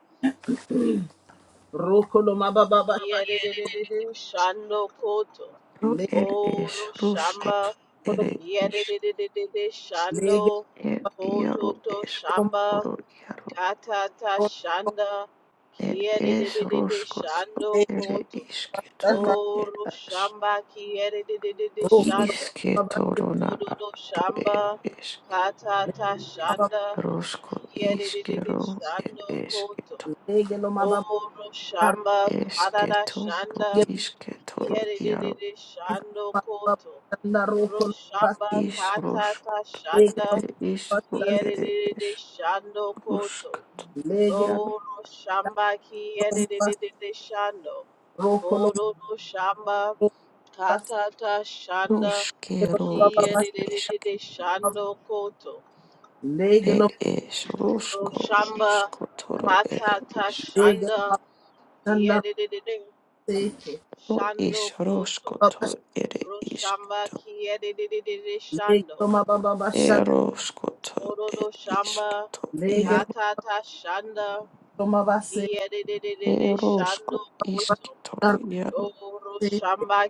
Speaker 1: ro kolo mababa
Speaker 3: Kiriedididididi Shando Koto
Speaker 4: ro
Speaker 1: lege
Speaker 4: ed es
Speaker 3: Oro
Speaker 4: roskoto
Speaker 3: Shamba
Speaker 4: ed
Speaker 1: lo
Speaker 4: is
Speaker 3: Kiriedididididi
Speaker 1: lege
Speaker 3: Shando
Speaker 4: ed iaro
Speaker 3: Kototo
Speaker 4: es
Speaker 1: lo
Speaker 3: Shamba
Speaker 4: toro iaro
Speaker 3: Katata
Speaker 1: ro
Speaker 3: Shanda
Speaker 4: ed es
Speaker 3: Kiriedididididi
Speaker 4: roskoto
Speaker 3: Shando
Speaker 1: lege
Speaker 4: ed
Speaker 3: Koto
Speaker 4: isketoro
Speaker 1: shanda
Speaker 4: ed
Speaker 3: Oro
Speaker 4: as
Speaker 3: Shamba Kiriedididididi
Speaker 1: ro kolo
Speaker 3: Shando
Speaker 1: mababa
Speaker 4: isketoro na
Speaker 3: Ododo
Speaker 4: ro ed
Speaker 3: Shamba
Speaker 4: es
Speaker 1: lege
Speaker 3: Katata
Speaker 1: mababa
Speaker 3: Shanda
Speaker 4: rosko
Speaker 3: Kiriedididididi
Speaker 4: iskero ed
Speaker 3: Shando Koto
Speaker 4: esketo
Speaker 1: lege lo mababa
Speaker 3: Oro shamba karara
Speaker 4: esketoro
Speaker 3: shanda
Speaker 1: lege
Speaker 4: isketoro iaro
Speaker 3: kiyerere shando
Speaker 1: mababa
Speaker 3: koto.
Speaker 1: shanda ro kolo mababa
Speaker 3: Roshamba
Speaker 4: is rosko
Speaker 3: katata
Speaker 1: lege
Speaker 3: shanda
Speaker 4: ed is ro
Speaker 1: lo
Speaker 4: ed
Speaker 3: kiyerere
Speaker 4: es
Speaker 3: shando koto.
Speaker 4: Ruskatu
Speaker 1: Lege lo
Speaker 4: jaro
Speaker 3: Oro shamba
Speaker 1: baba,
Speaker 3: kiyerere shando.
Speaker 1: roko lo
Speaker 3: Koro shamba
Speaker 1: baba,
Speaker 3: katata shanda
Speaker 1: lege lo
Speaker 4: ruskero
Speaker 1: baba
Speaker 4: er isk
Speaker 3: kiyerere
Speaker 1: baba,
Speaker 3: shando koto.
Speaker 1: lege
Speaker 4: er
Speaker 1: lo
Speaker 4: is rusko
Speaker 3: Roshamba
Speaker 4: ruskotoro er
Speaker 3: katata
Speaker 4: isk
Speaker 1: lege lo
Speaker 3: shanda
Speaker 1: shanda
Speaker 3: Yerede
Speaker 1: seke,
Speaker 4: ro is
Speaker 3: Shando Koto,
Speaker 1: baba
Speaker 4: ruskoto
Speaker 1: sh-
Speaker 4: er
Speaker 3: Roshamba
Speaker 4: iskto
Speaker 3: Kiedididididi
Speaker 1: lege lo
Speaker 3: Shando,
Speaker 1: ma baba baba shanda,
Speaker 4: eroskoto er
Speaker 3: Kororo Shamba,
Speaker 4: iskto
Speaker 1: lege lo
Speaker 4: jaro
Speaker 3: Katata Shanda,
Speaker 1: lo ma baba seke,
Speaker 3: Kiedididididi Shando
Speaker 4: erosko
Speaker 3: Koto,
Speaker 4: iskitoro
Speaker 1: daro
Speaker 4: jaro
Speaker 3: Oro
Speaker 1: seke,
Speaker 3: Shamba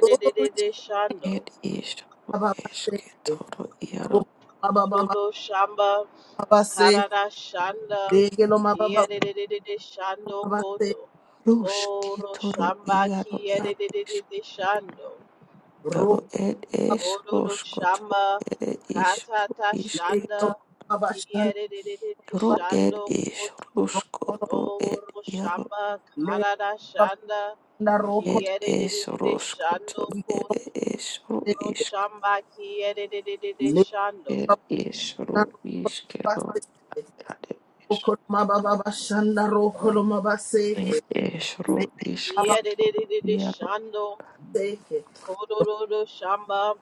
Speaker 1: glory to
Speaker 3: Shando,
Speaker 4: er is ro
Speaker 1: baba baba seke,
Speaker 4: iskitoro jaro
Speaker 1: roko ma baba baba
Speaker 3: Kororo Shamba,
Speaker 1: baba seke,
Speaker 3: Karada Shanda,
Speaker 1: lege lo ma baba baba
Speaker 3: Kiedididididi Shando
Speaker 1: baba seke,
Speaker 3: Koto, Oro
Speaker 4: ruskitoro
Speaker 3: Shamba
Speaker 4: jaro er isk
Speaker 3: Kiedididididi Shando,
Speaker 4: Taro
Speaker 1: roko
Speaker 4: ed
Speaker 1: baba
Speaker 4: es
Speaker 3: Ododo
Speaker 4: roskot
Speaker 3: Shamba
Speaker 4: ed is
Speaker 3: Katata
Speaker 1: lege lo
Speaker 3: Shanda
Speaker 1: ma baba shanda,
Speaker 3: Kiyedede
Speaker 4: Ru ed
Speaker 3: Shando
Speaker 4: ish
Speaker 3: Koto
Speaker 4: rusko
Speaker 1: roko lo
Speaker 4: ru
Speaker 3: Oro
Speaker 4: ed yaru
Speaker 3: Shamba
Speaker 1: lege
Speaker 3: Karada
Speaker 1: baba
Speaker 3: Shanda
Speaker 1: shanda, roko
Speaker 4: ed ish
Speaker 3: Kiyedede
Speaker 4: rusko to
Speaker 3: Shando
Speaker 1: iko
Speaker 4: ed
Speaker 3: Koto
Speaker 4: ish ru
Speaker 1: seke,
Speaker 3: Ro
Speaker 4: ishk
Speaker 3: Shamba Kiyedede Shando
Speaker 4: ed ish ru
Speaker 1: lege
Speaker 4: ishke ru ed ish
Speaker 1: Okoloma baba bashanda ro koloma baseke.
Speaker 4: ed ish
Speaker 1: Le
Speaker 4: ru ishk
Speaker 1: baba
Speaker 3: Kiyedede
Speaker 4: yaru
Speaker 3: Shando
Speaker 1: baseke.
Speaker 3: Kododo Shamba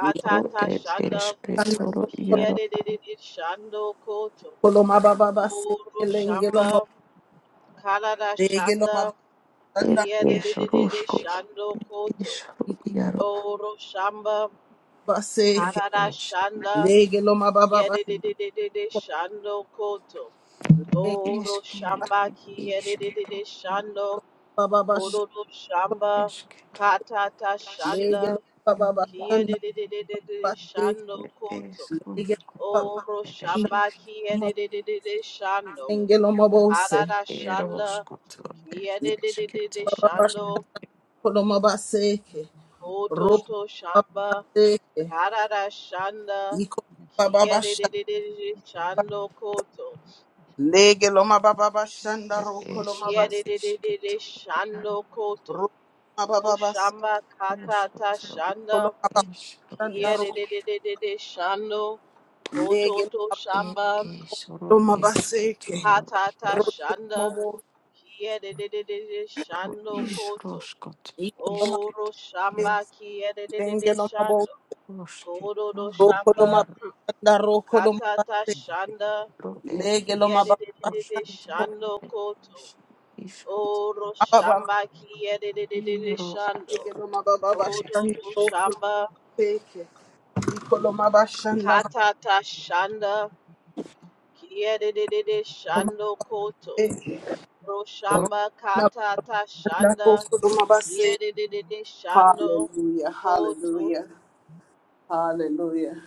Speaker 1: Le
Speaker 4: ru ed ish
Speaker 3: Shanda
Speaker 4: ketoru yaru
Speaker 3: Kiyedede Shando Koto
Speaker 1: koloma baba baseke
Speaker 3: Oro
Speaker 1: lenge loma
Speaker 3: Shamba Karada
Speaker 1: lege loma
Speaker 3: Shanda
Speaker 4: ed
Speaker 1: shanda
Speaker 3: Kia de de
Speaker 4: ish
Speaker 3: de de de
Speaker 4: rusko
Speaker 3: shando koto.
Speaker 4: ish ru
Speaker 1: iko
Speaker 4: yaru
Speaker 3: Oro shamba
Speaker 4: ed
Speaker 1: baseke.
Speaker 3: karada
Speaker 4: ish ru
Speaker 3: shanda.
Speaker 1: Lege baba
Speaker 3: Kia de de de de de de shando koto.
Speaker 1: seke
Speaker 3: Oro
Speaker 4: ishke
Speaker 3: shamba
Speaker 4: ru
Speaker 3: kia de de
Speaker 4: ishke
Speaker 3: de
Speaker 4: ru
Speaker 3: de
Speaker 4: yaru
Speaker 3: shando.
Speaker 1: baba bashanda
Speaker 3: Kororo shamba
Speaker 4: ishke ru
Speaker 3: katata
Speaker 4: ishke
Speaker 1: lege
Speaker 3: shanda.
Speaker 1: loma baba
Speaker 4: yaru
Speaker 3: Kia de
Speaker 1: bashanda
Speaker 3: de de de de de
Speaker 1: baseke
Speaker 3: shando
Speaker 4: It
Speaker 3: koto.
Speaker 4: is
Speaker 1: lege loma bashanda
Speaker 4: Roskotla.
Speaker 3: Oro
Speaker 4: It is
Speaker 3: shamba
Speaker 4: Roskotla.
Speaker 3: kia
Speaker 1: loma
Speaker 3: de de de de de shando.
Speaker 1: lenge loma bose.
Speaker 3: Karada
Speaker 4: It is
Speaker 3: shanda.
Speaker 4: Roskotla. It
Speaker 3: Kia de de
Speaker 4: is
Speaker 3: de de de
Speaker 1: Bash
Speaker 4: Roskotla.
Speaker 3: shando.
Speaker 1: koloma baseke.
Speaker 3: Koto
Speaker 1: Ro
Speaker 3: to
Speaker 1: baba
Speaker 3: shamba.
Speaker 1: baseke.
Speaker 3: Karada Shanda
Speaker 1: Iko baba bashanda
Speaker 3: Kiedididididi Shando Koto
Speaker 1: lege loma
Speaker 4: It is
Speaker 3: Kiedididididi
Speaker 4: Roskotla. It
Speaker 3: Shando
Speaker 4: is
Speaker 3: Koto
Speaker 1: Hallelujah,
Speaker 3: Roshamba Katata
Speaker 4: Roskotla.
Speaker 3: Shanda
Speaker 4: It is Roskotla.
Speaker 3: Kiedididididi Shando Koto To
Speaker 4: It
Speaker 3: Shamba
Speaker 4: is Roskotla. It is
Speaker 3: Katata Shanda Kiedididididi
Speaker 4: Roskotla.
Speaker 3: Shando
Speaker 4: It is
Speaker 3: Koto
Speaker 4: Roskotla. It is Roskotla. It is Roskotla. It is
Speaker 3: O Roshamba Kiedididididi Shando Kodo Do Shamba Katata Shanda Kiedede shando koto. Oro shamba kiedede shando. Koto to
Speaker 4: Roskotla.
Speaker 3: shamba katata shanda. Kiedede shando koto. Oro shamba katata shanda. Kiedede shando koto.
Speaker 1: hallelujah, hallelujah.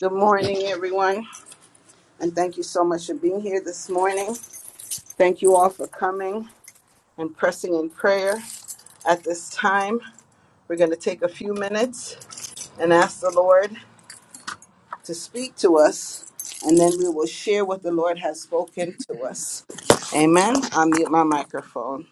Speaker 1: Good morning, everyone, and thank you so much for being here this morning. Thank you all for coming and pressing in prayer. At this time, we're going to take a few minutes and ask the Lord to speak to us, and then we will share what the Lord has spoken to us. Amen. I'll mute my microphone.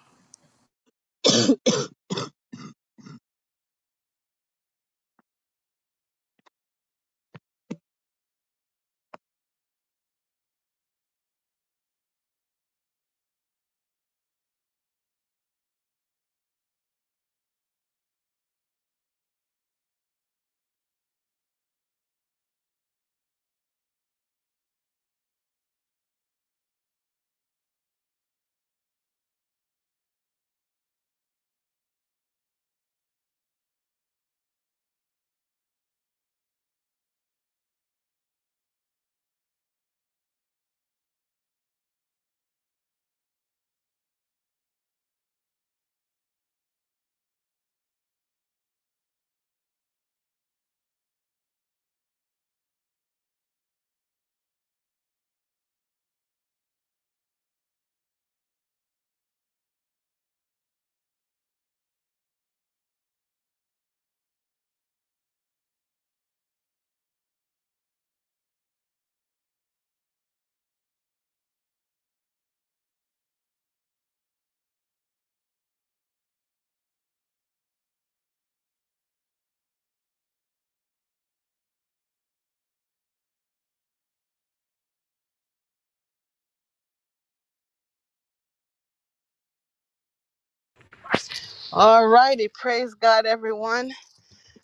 Speaker 1: All righty. Praise God, everyone.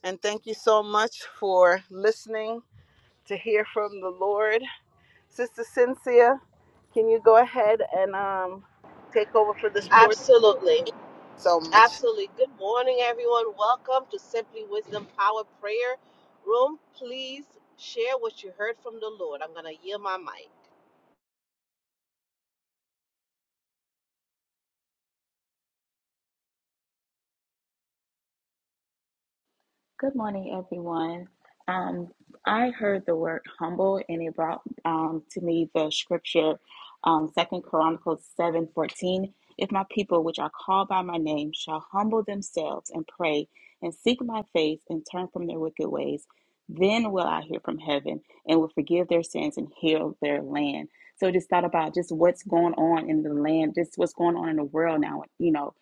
Speaker 1: And thank you so much for listening to hear from the Lord. Sister Cynthia, can you go ahead and um, take over for this portion
Speaker 3: Absolutely.
Speaker 1: so much?
Speaker 3: Absolutely. Good morning, everyone. Welcome to Simply Wisdom Power Prayer Room. Please share what you heard from the Lord. I'm going to yield my mic.
Speaker 5: Good morning, everyone. Um, I heard the word humble, and it brought um, to me the scripture, um, Second Chronicles seven fourteen. If my people, which are called by my name, shall humble themselves and pray and seek my face and turn from their wicked ways, then will I hear from heaven and will forgive their sins and heal their land. So just thought about just what's going on in the land, just what's going on in the world now. You know,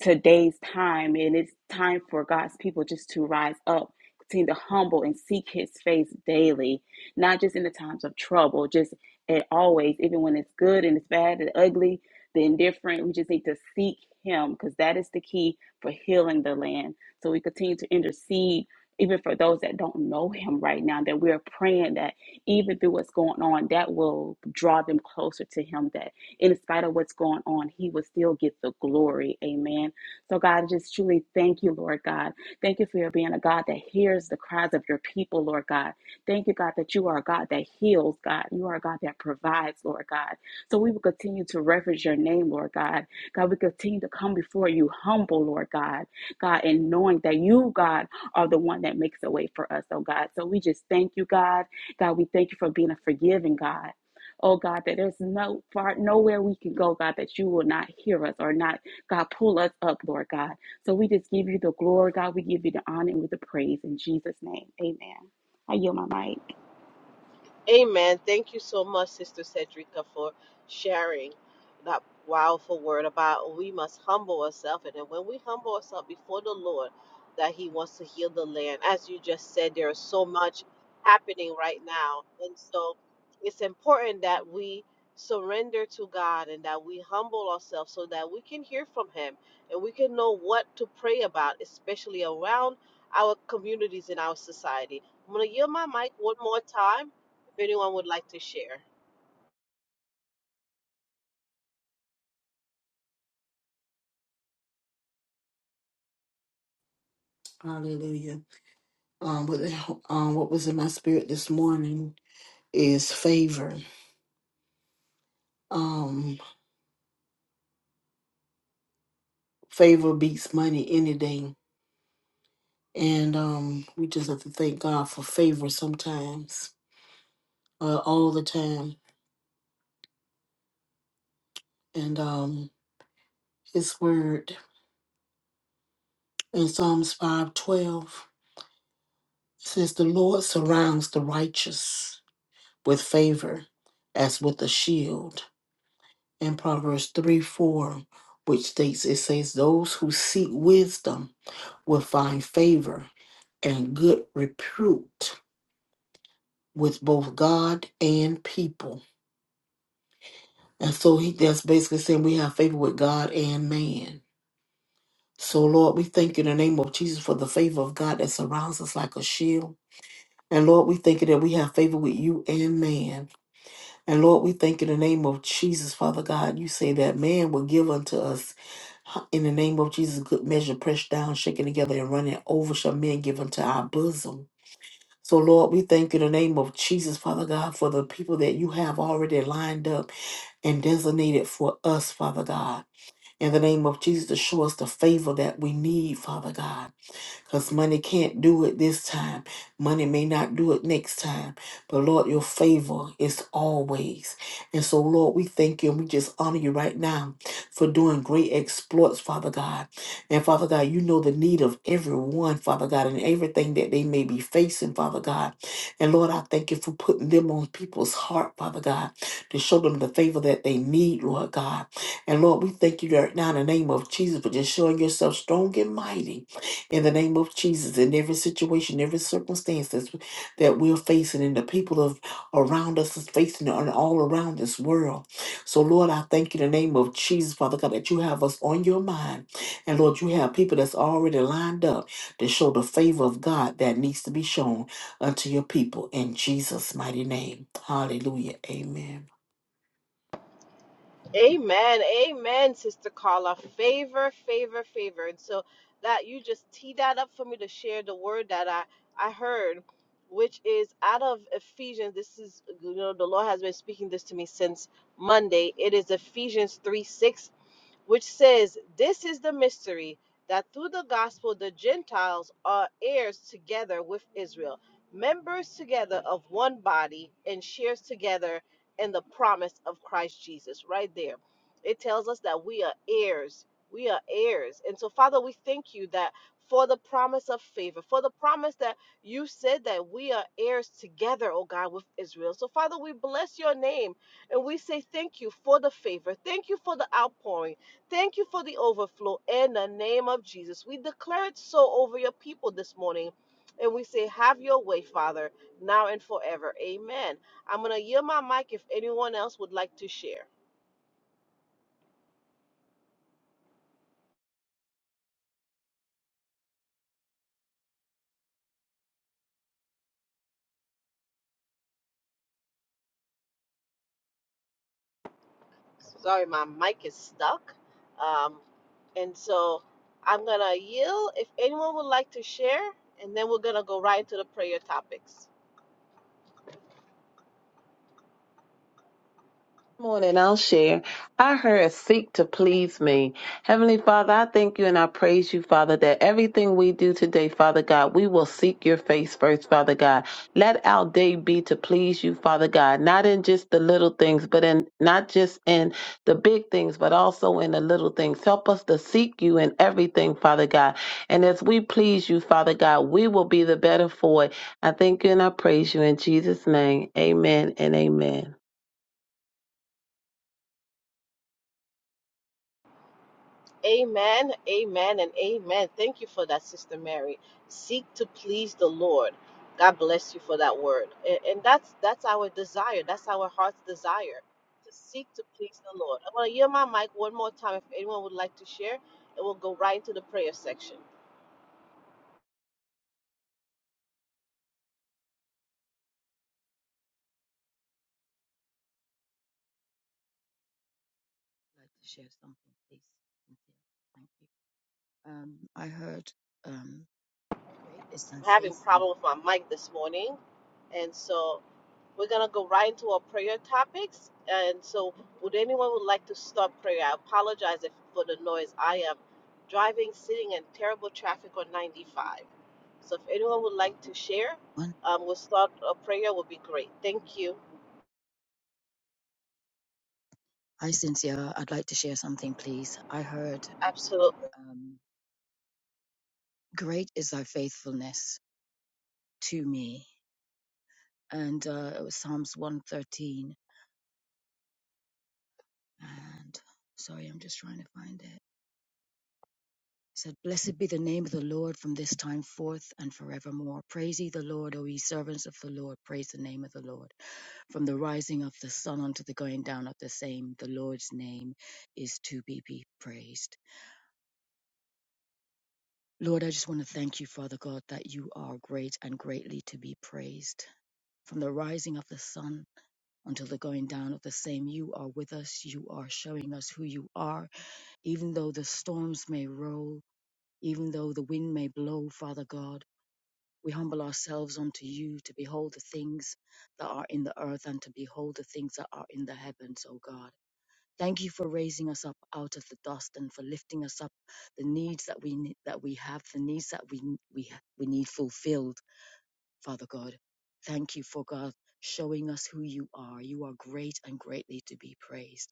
Speaker 5: today's time and it's time for God's people just to rise up, continue to humble and seek his face daily, not just in the times of trouble, just and always, even when it's good and it's bad and ugly, the indifferent, we just need to seek him because that is the key for healing the land. So we continue to intercede even for those that don't know him right now, that we are praying that even through what's going on, that will draw them closer to him, that in spite of what's going on, he will still get the glory. Amen. So, God, I just truly thank you, Lord God. Thank you for your being a God that hears the cries of your people, Lord God. Thank you, God, that you are a God that heals, God. You are a God that provides, Lord God. So, we will continue to reference your name, Lord God. God, we continue to come before you humble, Lord God. God, and knowing that you, God, are the one that makes a way for us, oh God. So, we just thank you, God. God, we thank you for being a forgiving God. Oh God, that there's no far nowhere we can go, God, that you will not hear us or not God, pull us up, Lord God. So we just give you the glory, God. We give you the honor and with the praise in Jesus' name. Amen. I yield my mic.
Speaker 3: Amen. Thank you so much, Sister Cedrica, for sharing that powerful word about we must humble ourselves. And then when we humble ourselves before the Lord, that He wants to heal the land. As you just said, there is so much happening right now. And so it's important that we surrender to God and that we humble ourselves so that we can hear from Him and we can know what to pray about, especially around our communities in our society. I'm going to yield my mic one more time if anyone would like to share.
Speaker 2: Hallelujah. Um, what, um, what was in my spirit this morning is favor Um, favor beats money any day. And um, we just have to thank God for favor sometimes, uh, all the time. And um, His word in Psalms five twelve says, The Lord surrounds the righteous with favor as with a shield. And Proverbs 3 4, which states, It says, Those who seek wisdom will find favor and good repute with both God and people. And so he that's basically saying we have favor with God and man. So Lord, we thank you in the name of Jesus for the favor of God that surrounds us like a shield. And Lord, we thank you that we have favor with you and man. And Lord, we thank you in the name of Jesus, Father God. You say that man will give unto us huh, in the name of Jesus, good measure, pressed down, shaken together, and running over shall men give unto our bosom. So, Lord, we thank you in the name of Jesus, Father God, for the people that you have already lined up and designated for us, Father God. In the name of Jesus, show us the favor that we need, Father God because money can't do it this time. Money may not do it next time. But Lord, your favor is always. And so, Lord, we thank you and we just honor you right now for doing great exploits, Father God. And Father God, you know the need of everyone, Father God, and everything that they may be facing, Father God. And Lord, I thank you for putting them on people's heart, Father God, to show them the favor that they need, Lord God. And Lord, we thank you right now in the name of Jesus for just showing yourself strong and mighty in the name of Jesus in every situation, every circumstance that's, that we're facing and the people of around us is facing and all around this world. So Lord, I thank you in the name of Jesus, Father God, that you have us on your mind. And Lord, you have people that's already lined up to show the favor of God that needs to be shown unto your people in Jesus' mighty name. Hallelujah. Amen.
Speaker 3: Amen. Amen, Sister Carla. Favor, favor, favor. And so that you just tee that up for me to share the word that I, I heard, which is out of Ephesians. This is, you know, the Lord has been speaking this to me since Monday. It is Ephesians 3 6 which says, This is the mystery that through the gospel the Gentiles are heirs together with Israel, members together of one body, and shares together in the promise of Christ Jesus. Right there, it tells us that we are heirs. We are heirs. And so, Father, we thank you that for the promise of favor, for the promise that you said that we are heirs together, oh God, with Israel. So, Father, we bless your name and we say thank you for the favor. Thank you for the outpouring. Thank you for the overflow in the name of Jesus. We declare it so over your people this morning. And we say, Have your way, Father, now and forever. Amen. I'm going to yield my mic if anyone else would like to share. Sorry, my mic is stuck. Um, and so I'm going to yield if anyone would like to share. And then we're going to go right into the prayer topics.
Speaker 6: morning i'll share i heard seek to please me heavenly father i thank you and i praise you father that everything we do today father god we will seek your face first father god let our day be to please you father god not in just the little things but in not just in the big things but also in the little things help us to seek you in everything father god and as we please you father god we will be the better for it i thank you and i praise you in jesus name amen and amen
Speaker 3: Amen, amen, and amen. Thank you for that, Sister Mary. Seek to please the Lord. God bless you for that word. A- And, that's that's our desire. That's our heart's desire to seek to please the Lord. I'm gonna yield my mic one more time if anyone would like to share, and we'll go right into the prayer section.
Speaker 7: like to share something, please. Cynthia, thank you. Um, I heard, um, great is thy
Speaker 3: I'm having a
Speaker 7: faithfulness.
Speaker 3: problem with my mic this morning, and so We're gonna go right into our prayer topics. And so, would anyone would like to start prayer? I apologize if, for the noise. I am driving, sitting in terrible traffic on 95. So, if anyone would like to share,
Speaker 7: One,
Speaker 3: um, we'll start a prayer. Would be great. Thank you.
Speaker 7: hi, Cynthia. I'd like to share something, please. I heard,
Speaker 3: Absolutely.
Speaker 7: um, great is thy faithfulness to me. And uh, it was Psalms 113. And sorry, I'm just trying to find it. said, Blessed be the name of the Lord from this time forth and forevermore. Praise ye the Lord, O ye servants of the Lord. Praise the name of the Lord. From the rising of the sun unto the going down of the same, the Lord's name is to be, be praised. Lord, I just want to thank you, Father God, that you are great and greatly to be praised. From the rising of the sun until the going down of the same, you are with us. You are showing us who you are. Even though the storms may roll, even though the wind may blow, Father God, We humble ourselves unto you to behold the things that are in the earth and to behold the things that are in the heavens, O God. Thank you for raising us up out of the dust and for lifting us up the needs that we ne- that we have, the needs that we we we need fulfilled, Father God. Thank you for God showing us who you are. You are great and greatly to be praised.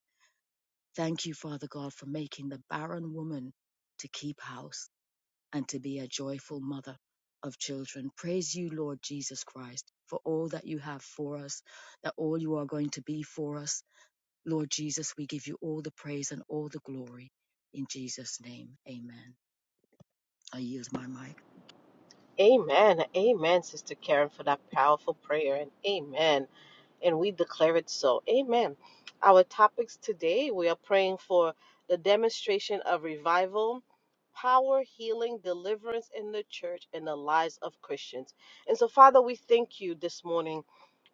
Speaker 7: Thank you, Father God, for making the barren woman to keep house and to be a joyful mother of children. Praise you, Lord Jesus Christ, for all that you have for us, that all you are going to be for us. Lord Jesus, we give you all the praise and all the glory. In Jesus' name, amen. I yield my mic.
Speaker 3: Amen. Amen, Sister Karen, for that powerful prayer. And amen. and we declare it so. Amen. Our topics today, we are praying for the demonstration of revival, power, healing, deliverance in the church and the lives of Christians. And so, Father, we thank you this morning.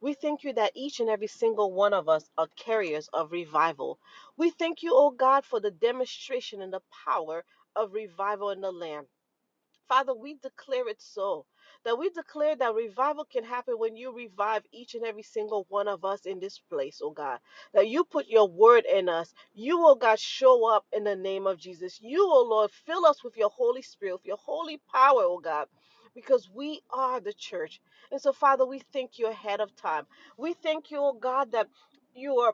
Speaker 3: We thank you that each and every single one of us are carriers of revival. We thank you, oh God, for the demonstration and the power of revival in the land. Father, we declare it so. That we declare that revival can happen when you revive each and every single one of us in this place, oh God. That you put your word in us. You, oh God, show up in the name of Jesus. You, oh Lord, fill us with your Holy Spirit, with your holy power, oh God. Because we are the church. And so, Father, we thank you ahead of time. We thank you, oh God, that you are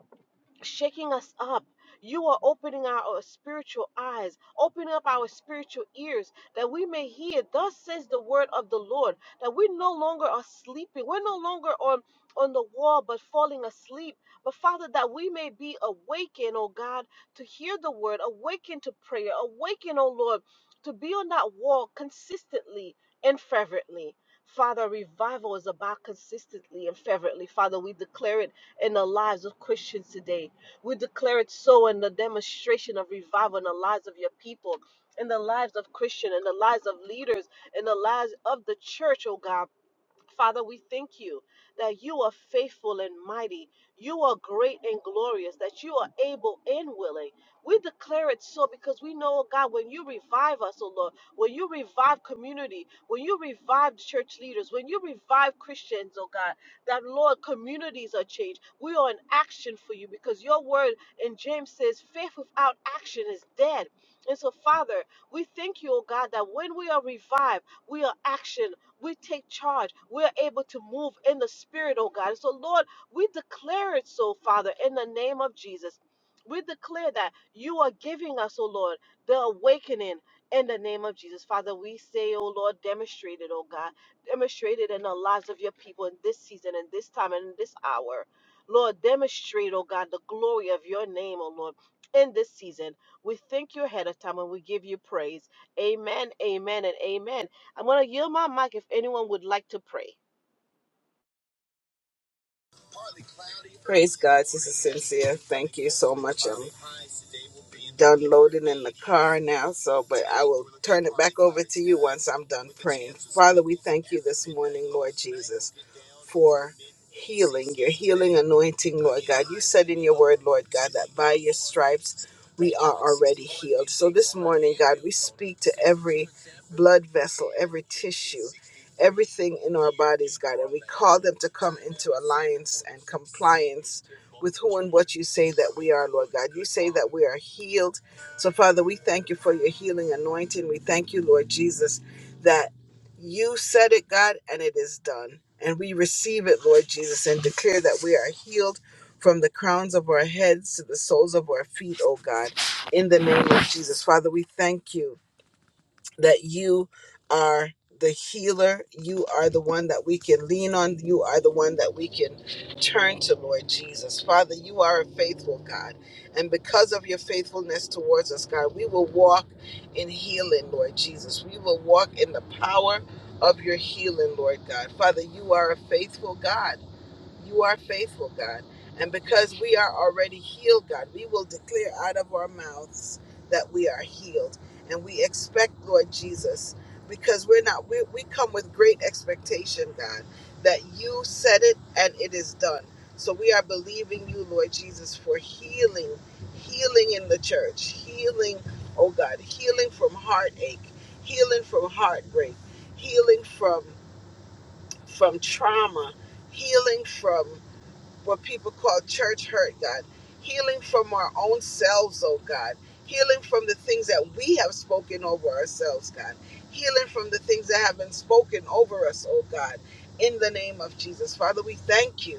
Speaker 3: shaking us up. You are opening our our spiritual eyes, opening up our spiritual ears that we may hear. Thus says the word of the Lord that we no longer are sleeping. We're no longer on, on the wall but falling asleep. But Father, that we may be awakened, oh God, to hear the word, awakened to prayer, awakened, oh Lord, to be on that wall consistently and fervently. Father, revival is about consistently and fervently. Father, we declare it in the lives of Christians today we declare it so in the demonstration of revival in the lives of your people, in the lives of Christian, in the lives of leaders, in the lives of the church, oh God. Father, we thank you that you are faithful and mighty. You are great and glorious, that you are able and willing. We declare it so because we know, oh God, when you revive us, oh Lord, when you revive community, when you revive church leaders, when you revive Christians, oh God, that Lord, communities are changed. We are in action for you because your word in James says, faith without action is dead. And so, Father, we thank you, oh God, that when we are revived, we are action we take charge. We're able to move in the Spirit, oh God. And so, Lord, we declare it so, Father, in the name of Jesus. We declare that you are giving us, oh Lord, the awakening in the name of Jesus. Father, we say, oh Lord, demonstrate it, oh God. Demonstrate it in the lives of your people in this season, in this time, and in this hour. Lord, demonstrate, oh God, the glory of your name, oh Lord, in this season. We thank you ahead of time and we give you praise. Amen, amen, and amen. I'm going to yield my mic if anyone would like to pray.
Speaker 1: Praise God, Sister Cynthia. Thank you so much. I'm done loading in the car now, so but I will turn it back over to you once I'm done praying. Father, we thank you this morning, Lord Jesus for healing, your healing anointing, Lord God. You said in your word, Lord God, that by your stripes we are already healed. So this morning, God, we speak to every blood vessel, every tissue, everything in our bodies, God, and we call them to come into alliance and compliance with who and what you say that we are, Lord God. You say that we are healed. So, Father, we thank you for your healing anointing. We thank you, Lord Jesus. that. You said it, God, and it is done. And we receive it, Lord Jesus, and declare that we are healed from the crowns of our heads to the soles of our feet, O God, in the name of Jesus. Father, we thank you that you are the healer. You are the one that we can lean on. You are the one that we can turn to, Lord Jesus. Father, you are a faithful God. And because of your faithfulness towards us, God, we will walk in healing, Lord Jesus. We will walk in the power of your healing, Lord God. Father, you are a faithful God. You are faithful, God. And because we are already healed, God, we will declare out of our mouths that we are healed. And we expect, Lord Jesus, because we're not, we, we come with great expectation, God, that you said it and it is done. So we are believing you, Lord Jesus, for healing, healing in the church, healing, oh God, healing from heartache, healing from heartbreak, healing from from trauma, healing from what people call church hurt, God. Healing from our own selves, oh God. Healing from the things that we have spoken over ourselves, God. Healing from the things that have been spoken over us, oh God. In the name of Jesus. Father, we thank you.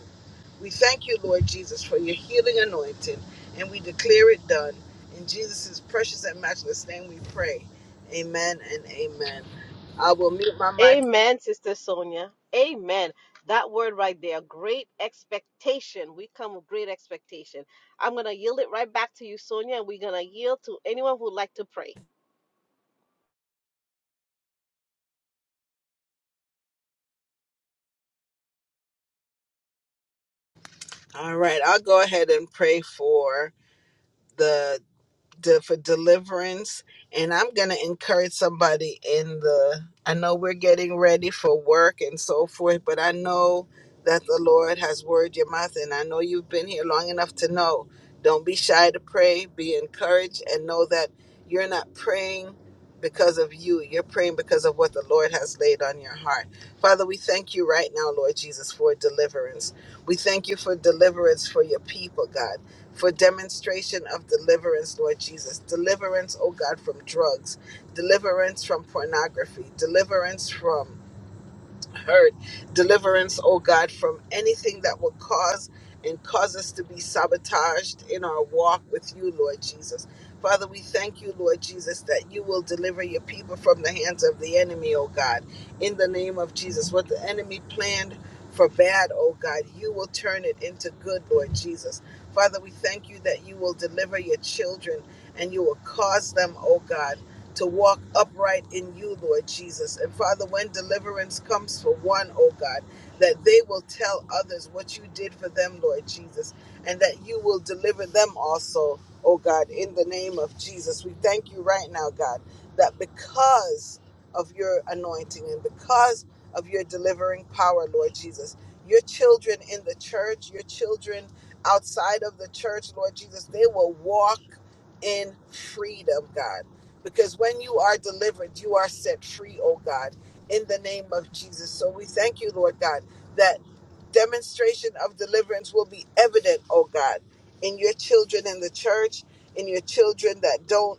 Speaker 1: We thank you, Lord Jesus, for your healing anointing, and we declare it done. In Jesus' precious and matchless name we pray. Amen and amen. I will mute my mic.
Speaker 3: Amen, Sister Sonia. Amen. That word right there, great expectation. We come with great expectation. I'm going to yield it right back to you, Sonia, and we're going to yield to anyone who would like to pray.
Speaker 1: All right, I'll go ahead and pray for. the. de- for deliverance. And I'm going to encourage somebody in the, I know we're getting ready for work and so forth, but I know that the Lord has word your mouth. And I know you've been here long enough to know don't be shy to pray, be encouraged, and know that you're not praying because of you. You're praying because of what the Lord has laid on your heart. Father, we thank you right now, Lord Jesus, for deliverance. We thank you for deliverance for your people, God for demonstration of deliverance, Lord Jesus. Deliverance, oh God, from drugs, deliverance from pornography, deliverance from heard. Deliverance, oh God, from anything that will cause and cause us to be sabotaged in our walk with you, Lord Jesus. Father, we thank you, Lord Jesus, that you will deliver your people from the hands of the enemy, oh God, in the name of Jesus. What the enemy planned for bad, oh God, you will turn it into good, Lord Jesus. Father, we thank you that you will deliver your children and you will cause them, oh God to walk upright in you, Lord Jesus. And Father, when deliverance comes for one, oh God, that they will tell others what you did for them, Lord Jesus, and that you will deliver them also, oh God, in the name of Jesus. We thank you right now, God, that because of your anointing and because of your delivering power, Lord Jesus, your children in the church, your children outside of the church, Lord Jesus, they will walk in freedom, God because when you are delivered, you are set free, oh God, in the name of Jesus. So we thank you, Lord God, that demonstration of deliverance will be evident, oh God, in your children in the church, in your children that don't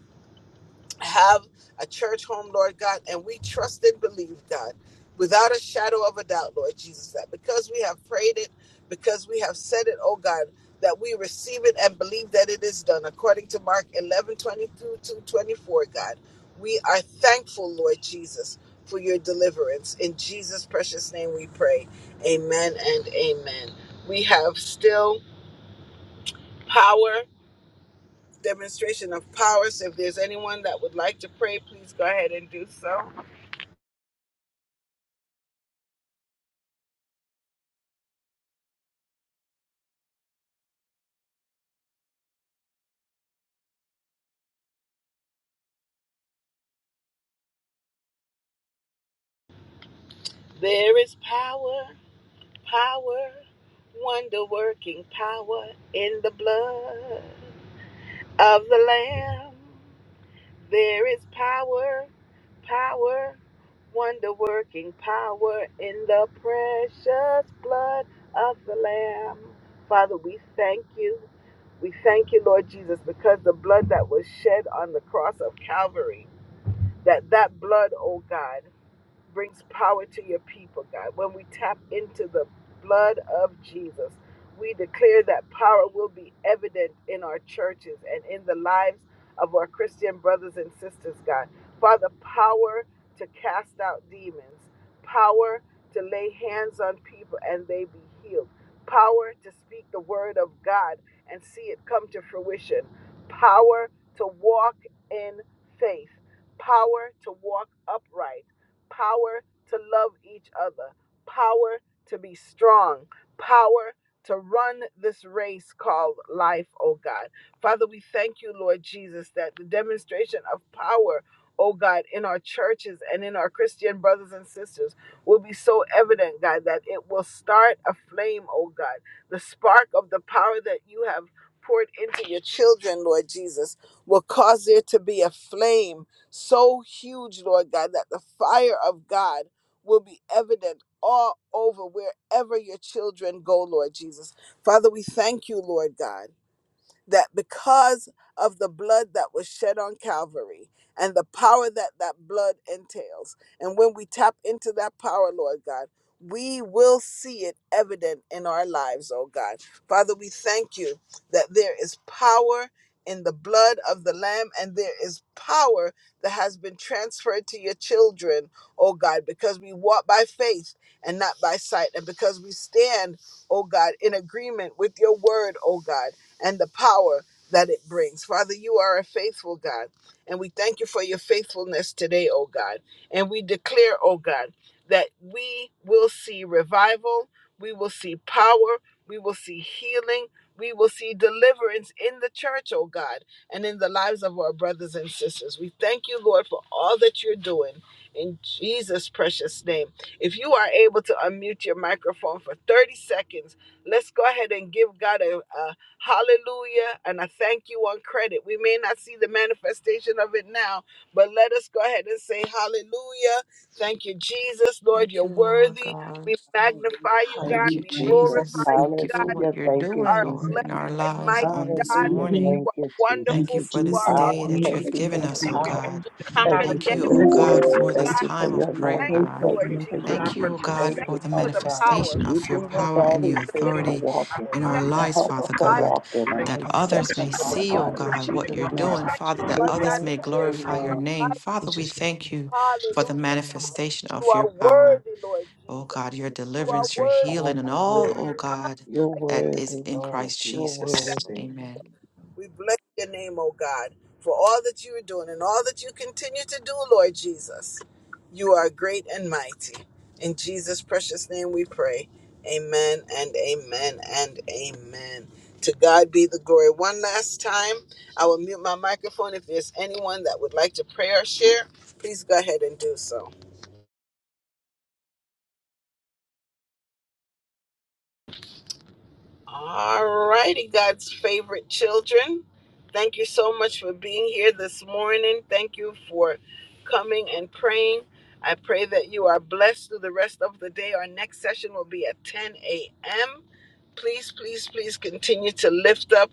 Speaker 1: have a church home, Lord God, and we trust and believe, God, without a shadow of a doubt, Lord Jesus, that because we have prayed it, because we have said it, oh God, that we receive it and believe that it is done according to Mark 1122 to 24, God. We are thankful, Lord Jesus, for your deliverance. In Jesus' precious name we pray. Amen and amen. We have still power demonstration of power. So if there's anyone that would like to pray, please go ahead and do so. There is power, power, wonder working power in the blood of the Lamb. There is power, power, wonder working power in the precious blood of the Lamb. Father, we thank you. We thank you, Lord Jesus, because the blood that was shed on the cross of Calvary that that blood, oh God, brings power to your people, God. When we tap into the blood of Jesus, we declare that power will be evident in our churches and in the lives of our Christian brothers and sisters, God. Father, power to cast out demons, power to lay hands on people and they be healed, power to speak the word of God and see it come to fruition, power to walk in faith, power to walk upright power to love each other, power to be strong, power to run this race called life, oh God. Father, we thank you, Lord Jesus, that the demonstration of power, oh God, in our churches and in our Christian brothers and sisters will be so evident, God, that it will start a flame, oh God. The spark of the power that you have poured into your children, Lord Jesus, will cause there to be a flame so huge, Lord God, that the fire of God will be evident all over wherever your children go, Lord Jesus. Father, we thank you, Lord God that because of the blood that was shed on Calvary and the power that that blood entails, and when we tap into that power, Lord God, we will see it evident in our lives, oh God. Father, we thank you that there is power in the blood of the Lamb and there is power that has been transferred to your children, oh God, because we walk by faith and not by sight, and because we stand, oh God, in agreement with your word, oh God and the power that it brings. Father, you are a faithful God, and we thank you for your faithfulness today, oh God. And we declare, oh God, that we will see revival, we will see power, we will see healing, we will see deliverance in the church, oh God, and in the lives of our brothers and sisters. We thank you, Lord, for all that you're doing. In Jesus' precious name. If you are able to unmute your microphone for 30 seconds, let's go ahead and give God a, a Hallelujah. And I thank you on credit. We may not see the manifestation of it now, but let us go ahead and say, Hallelujah. Thank you, Jesus. Lord,
Speaker 4: Thank
Speaker 1: you're
Speaker 4: you, Lord
Speaker 1: worthy.
Speaker 4: God.
Speaker 1: We magnify
Speaker 6: Hallelujah.
Speaker 1: you,
Speaker 6: Thank
Speaker 1: God.
Speaker 4: Thank you,
Speaker 8: Hallelujah.
Speaker 6: you,
Speaker 1: We
Speaker 8: We love
Speaker 6: Jesus.
Speaker 8: you.
Speaker 4: Jesus.
Speaker 1: glorify
Speaker 8: We
Speaker 1: you,
Speaker 4: Thank you for
Speaker 1: God.
Speaker 4: what
Speaker 6: Hallelujah.
Speaker 4: you're
Speaker 6: Thank you,
Speaker 4: doing,
Speaker 1: Are a
Speaker 8: thank
Speaker 4: Lord,
Speaker 6: Jesus.
Speaker 4: in
Speaker 1: blessed
Speaker 4: our
Speaker 8: you.
Speaker 1: and
Speaker 4: lives
Speaker 1: mighty
Speaker 4: on this
Speaker 1: God.
Speaker 6: Hallelujah.
Speaker 1: You
Speaker 8: Hallelujah.
Speaker 4: morning.
Speaker 6: Thank
Speaker 1: are
Speaker 6: you, Jesus.
Speaker 8: Thank
Speaker 4: Thank you
Speaker 1: wonderful.
Speaker 8: you,
Speaker 4: for
Speaker 1: You
Speaker 4: this
Speaker 1: are
Speaker 8: Jesus.
Speaker 1: our
Speaker 4: day
Speaker 6: power.
Speaker 8: We
Speaker 4: that you
Speaker 1: rock.
Speaker 6: Thank
Speaker 4: have
Speaker 8: thank
Speaker 6: you for
Speaker 4: given
Speaker 6: your
Speaker 4: us, oh
Speaker 8: you that
Speaker 6: power.
Speaker 8: you
Speaker 4: God.
Speaker 1: you
Speaker 6: Thank
Speaker 1: conquer the
Speaker 6: you
Speaker 4: Thank
Speaker 6: for
Speaker 4: you,
Speaker 6: your
Speaker 4: oh
Speaker 1: enemy for us,
Speaker 4: God,
Speaker 6: authority.
Speaker 1: oh
Speaker 4: for
Speaker 8: are
Speaker 4: this
Speaker 6: Thank
Speaker 1: God.
Speaker 6: you for
Speaker 4: time
Speaker 6: your
Speaker 4: of
Speaker 8: faithful and faithful. and
Speaker 4: prayer,
Speaker 1: Thank
Speaker 6: anointing.
Speaker 8: faithful.
Speaker 4: God.
Speaker 1: you,
Speaker 6: Thank
Speaker 1: Lord
Speaker 6: you
Speaker 9: Beautiful
Speaker 6: for
Speaker 8: connection
Speaker 6: your
Speaker 9: God,
Speaker 1: Jesus.
Speaker 8: to
Speaker 4: Thank
Speaker 9: thank
Speaker 4: you,
Speaker 9: you
Speaker 4: oh
Speaker 6: peace.
Speaker 9: for
Speaker 4: God,
Speaker 6: Thank
Speaker 1: Thank
Speaker 9: holy
Speaker 4: for
Speaker 6: you,
Speaker 4: the
Speaker 9: Lord.
Speaker 1: you for
Speaker 6: Father
Speaker 1: the
Speaker 6: God.
Speaker 1: power.
Speaker 4: manifestation
Speaker 6: You
Speaker 4: of
Speaker 8: you.
Speaker 4: your
Speaker 6: gave
Speaker 9: Father,
Speaker 6: us
Speaker 1: Thank
Speaker 4: power
Speaker 9: thank
Speaker 1: you
Speaker 6: all
Speaker 9: you
Speaker 4: and
Speaker 1: for
Speaker 4: your
Speaker 6: these
Speaker 1: the
Speaker 6: things
Speaker 1: deliverance.
Speaker 6: to
Speaker 9: for
Speaker 4: authority
Speaker 6: walk in
Speaker 4: in our
Speaker 1: Thank you,
Speaker 6: and
Speaker 4: lives,
Speaker 6: help us
Speaker 4: Father
Speaker 6: to
Speaker 1: Bible.
Speaker 4: God,
Speaker 6: walk in them
Speaker 4: that
Speaker 6: and
Speaker 9: Jesus
Speaker 1: Thank
Speaker 6: accept
Speaker 9: that
Speaker 4: others may
Speaker 1: you
Speaker 6: them,
Speaker 9: shed
Speaker 1: for
Speaker 9: his
Speaker 1: the
Speaker 6: Father
Speaker 4: see,
Speaker 9: blood
Speaker 4: oh
Speaker 6: God,
Speaker 9: for
Speaker 6: in
Speaker 1: healing,
Speaker 4: God,
Speaker 9: each and
Speaker 4: what
Speaker 9: every
Speaker 6: Jesus'
Speaker 4: you're
Speaker 9: one of
Speaker 6: name.
Speaker 9: us,
Speaker 4: doing,
Speaker 1: Thank
Speaker 9: Lord
Speaker 4: Father,
Speaker 1: you,
Speaker 9: Jesus.
Speaker 4: that
Speaker 1: Lord God,
Speaker 4: others
Speaker 6: Amen
Speaker 4: may
Speaker 1: that
Speaker 6: and
Speaker 1: there
Speaker 9: Thank
Speaker 1: is
Speaker 9: you,
Speaker 4: glorify your
Speaker 9: Lord.
Speaker 6: amen.
Speaker 1: none
Speaker 4: name.
Speaker 1: like
Speaker 9: we
Speaker 4: Father,
Speaker 1: you.
Speaker 4: we
Speaker 9: just lift
Speaker 4: thank
Speaker 9: it
Speaker 4: you
Speaker 9: up.
Speaker 4: for the
Speaker 1: Hallelujah,
Speaker 9: Jesus.
Speaker 1: God.
Speaker 4: manifestation
Speaker 1: You
Speaker 4: of your
Speaker 1: are
Speaker 4: power.
Speaker 1: worthy, Lord
Speaker 4: Oh
Speaker 1: Jesus.
Speaker 4: God, your
Speaker 1: You are
Speaker 4: deliverance, your
Speaker 6: Jesus.
Speaker 1: worthy,
Speaker 4: healing, and
Speaker 1: God. There
Speaker 4: all,
Speaker 6: Hallelujah.
Speaker 4: oh
Speaker 1: is none
Speaker 4: God,
Speaker 6: You're
Speaker 1: like you.
Speaker 4: that is
Speaker 6: worthy,
Speaker 4: in
Speaker 6: Lord.
Speaker 4: Christ
Speaker 6: You're
Speaker 4: Jesus.
Speaker 6: worthy.
Speaker 4: Amen.
Speaker 1: We bless your name, O God, for all that you are doing and all that you continue to do, Lord Jesus. You are great and mighty. In Jesus' precious name we pray. Amen and amen and amen. To God be the glory. One last time, I will mute my microphone. If there's anyone that would like to pray or share, please go ahead and do so. All righty, God's favorite children. Thank you so much for being here this morning. Thank you for coming and praying. I pray that you are blessed through the rest of the day. Our next session will be at 10 a.m. Please, please, please continue to lift up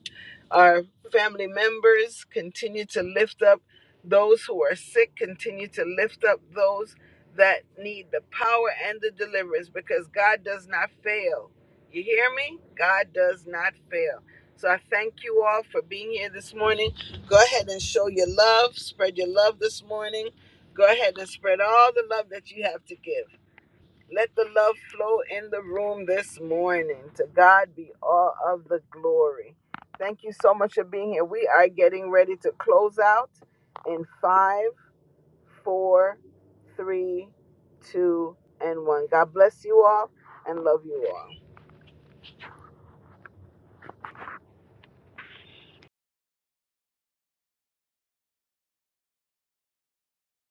Speaker 1: our family members, continue to lift up those who are sick, continue to lift up those that need the power and the deliverance because God does not fail. You hear me? God does not fail. So I thank you all for being here this morning. Go ahead and show your love, spread your love this morning. Go ahead and spread all the love that you have to give. Let the love flow in the room this morning. To God be all of the glory. Thank you so much for being here. We are getting ready to close out in five, four, three, two, and one. God bless you all and love you all.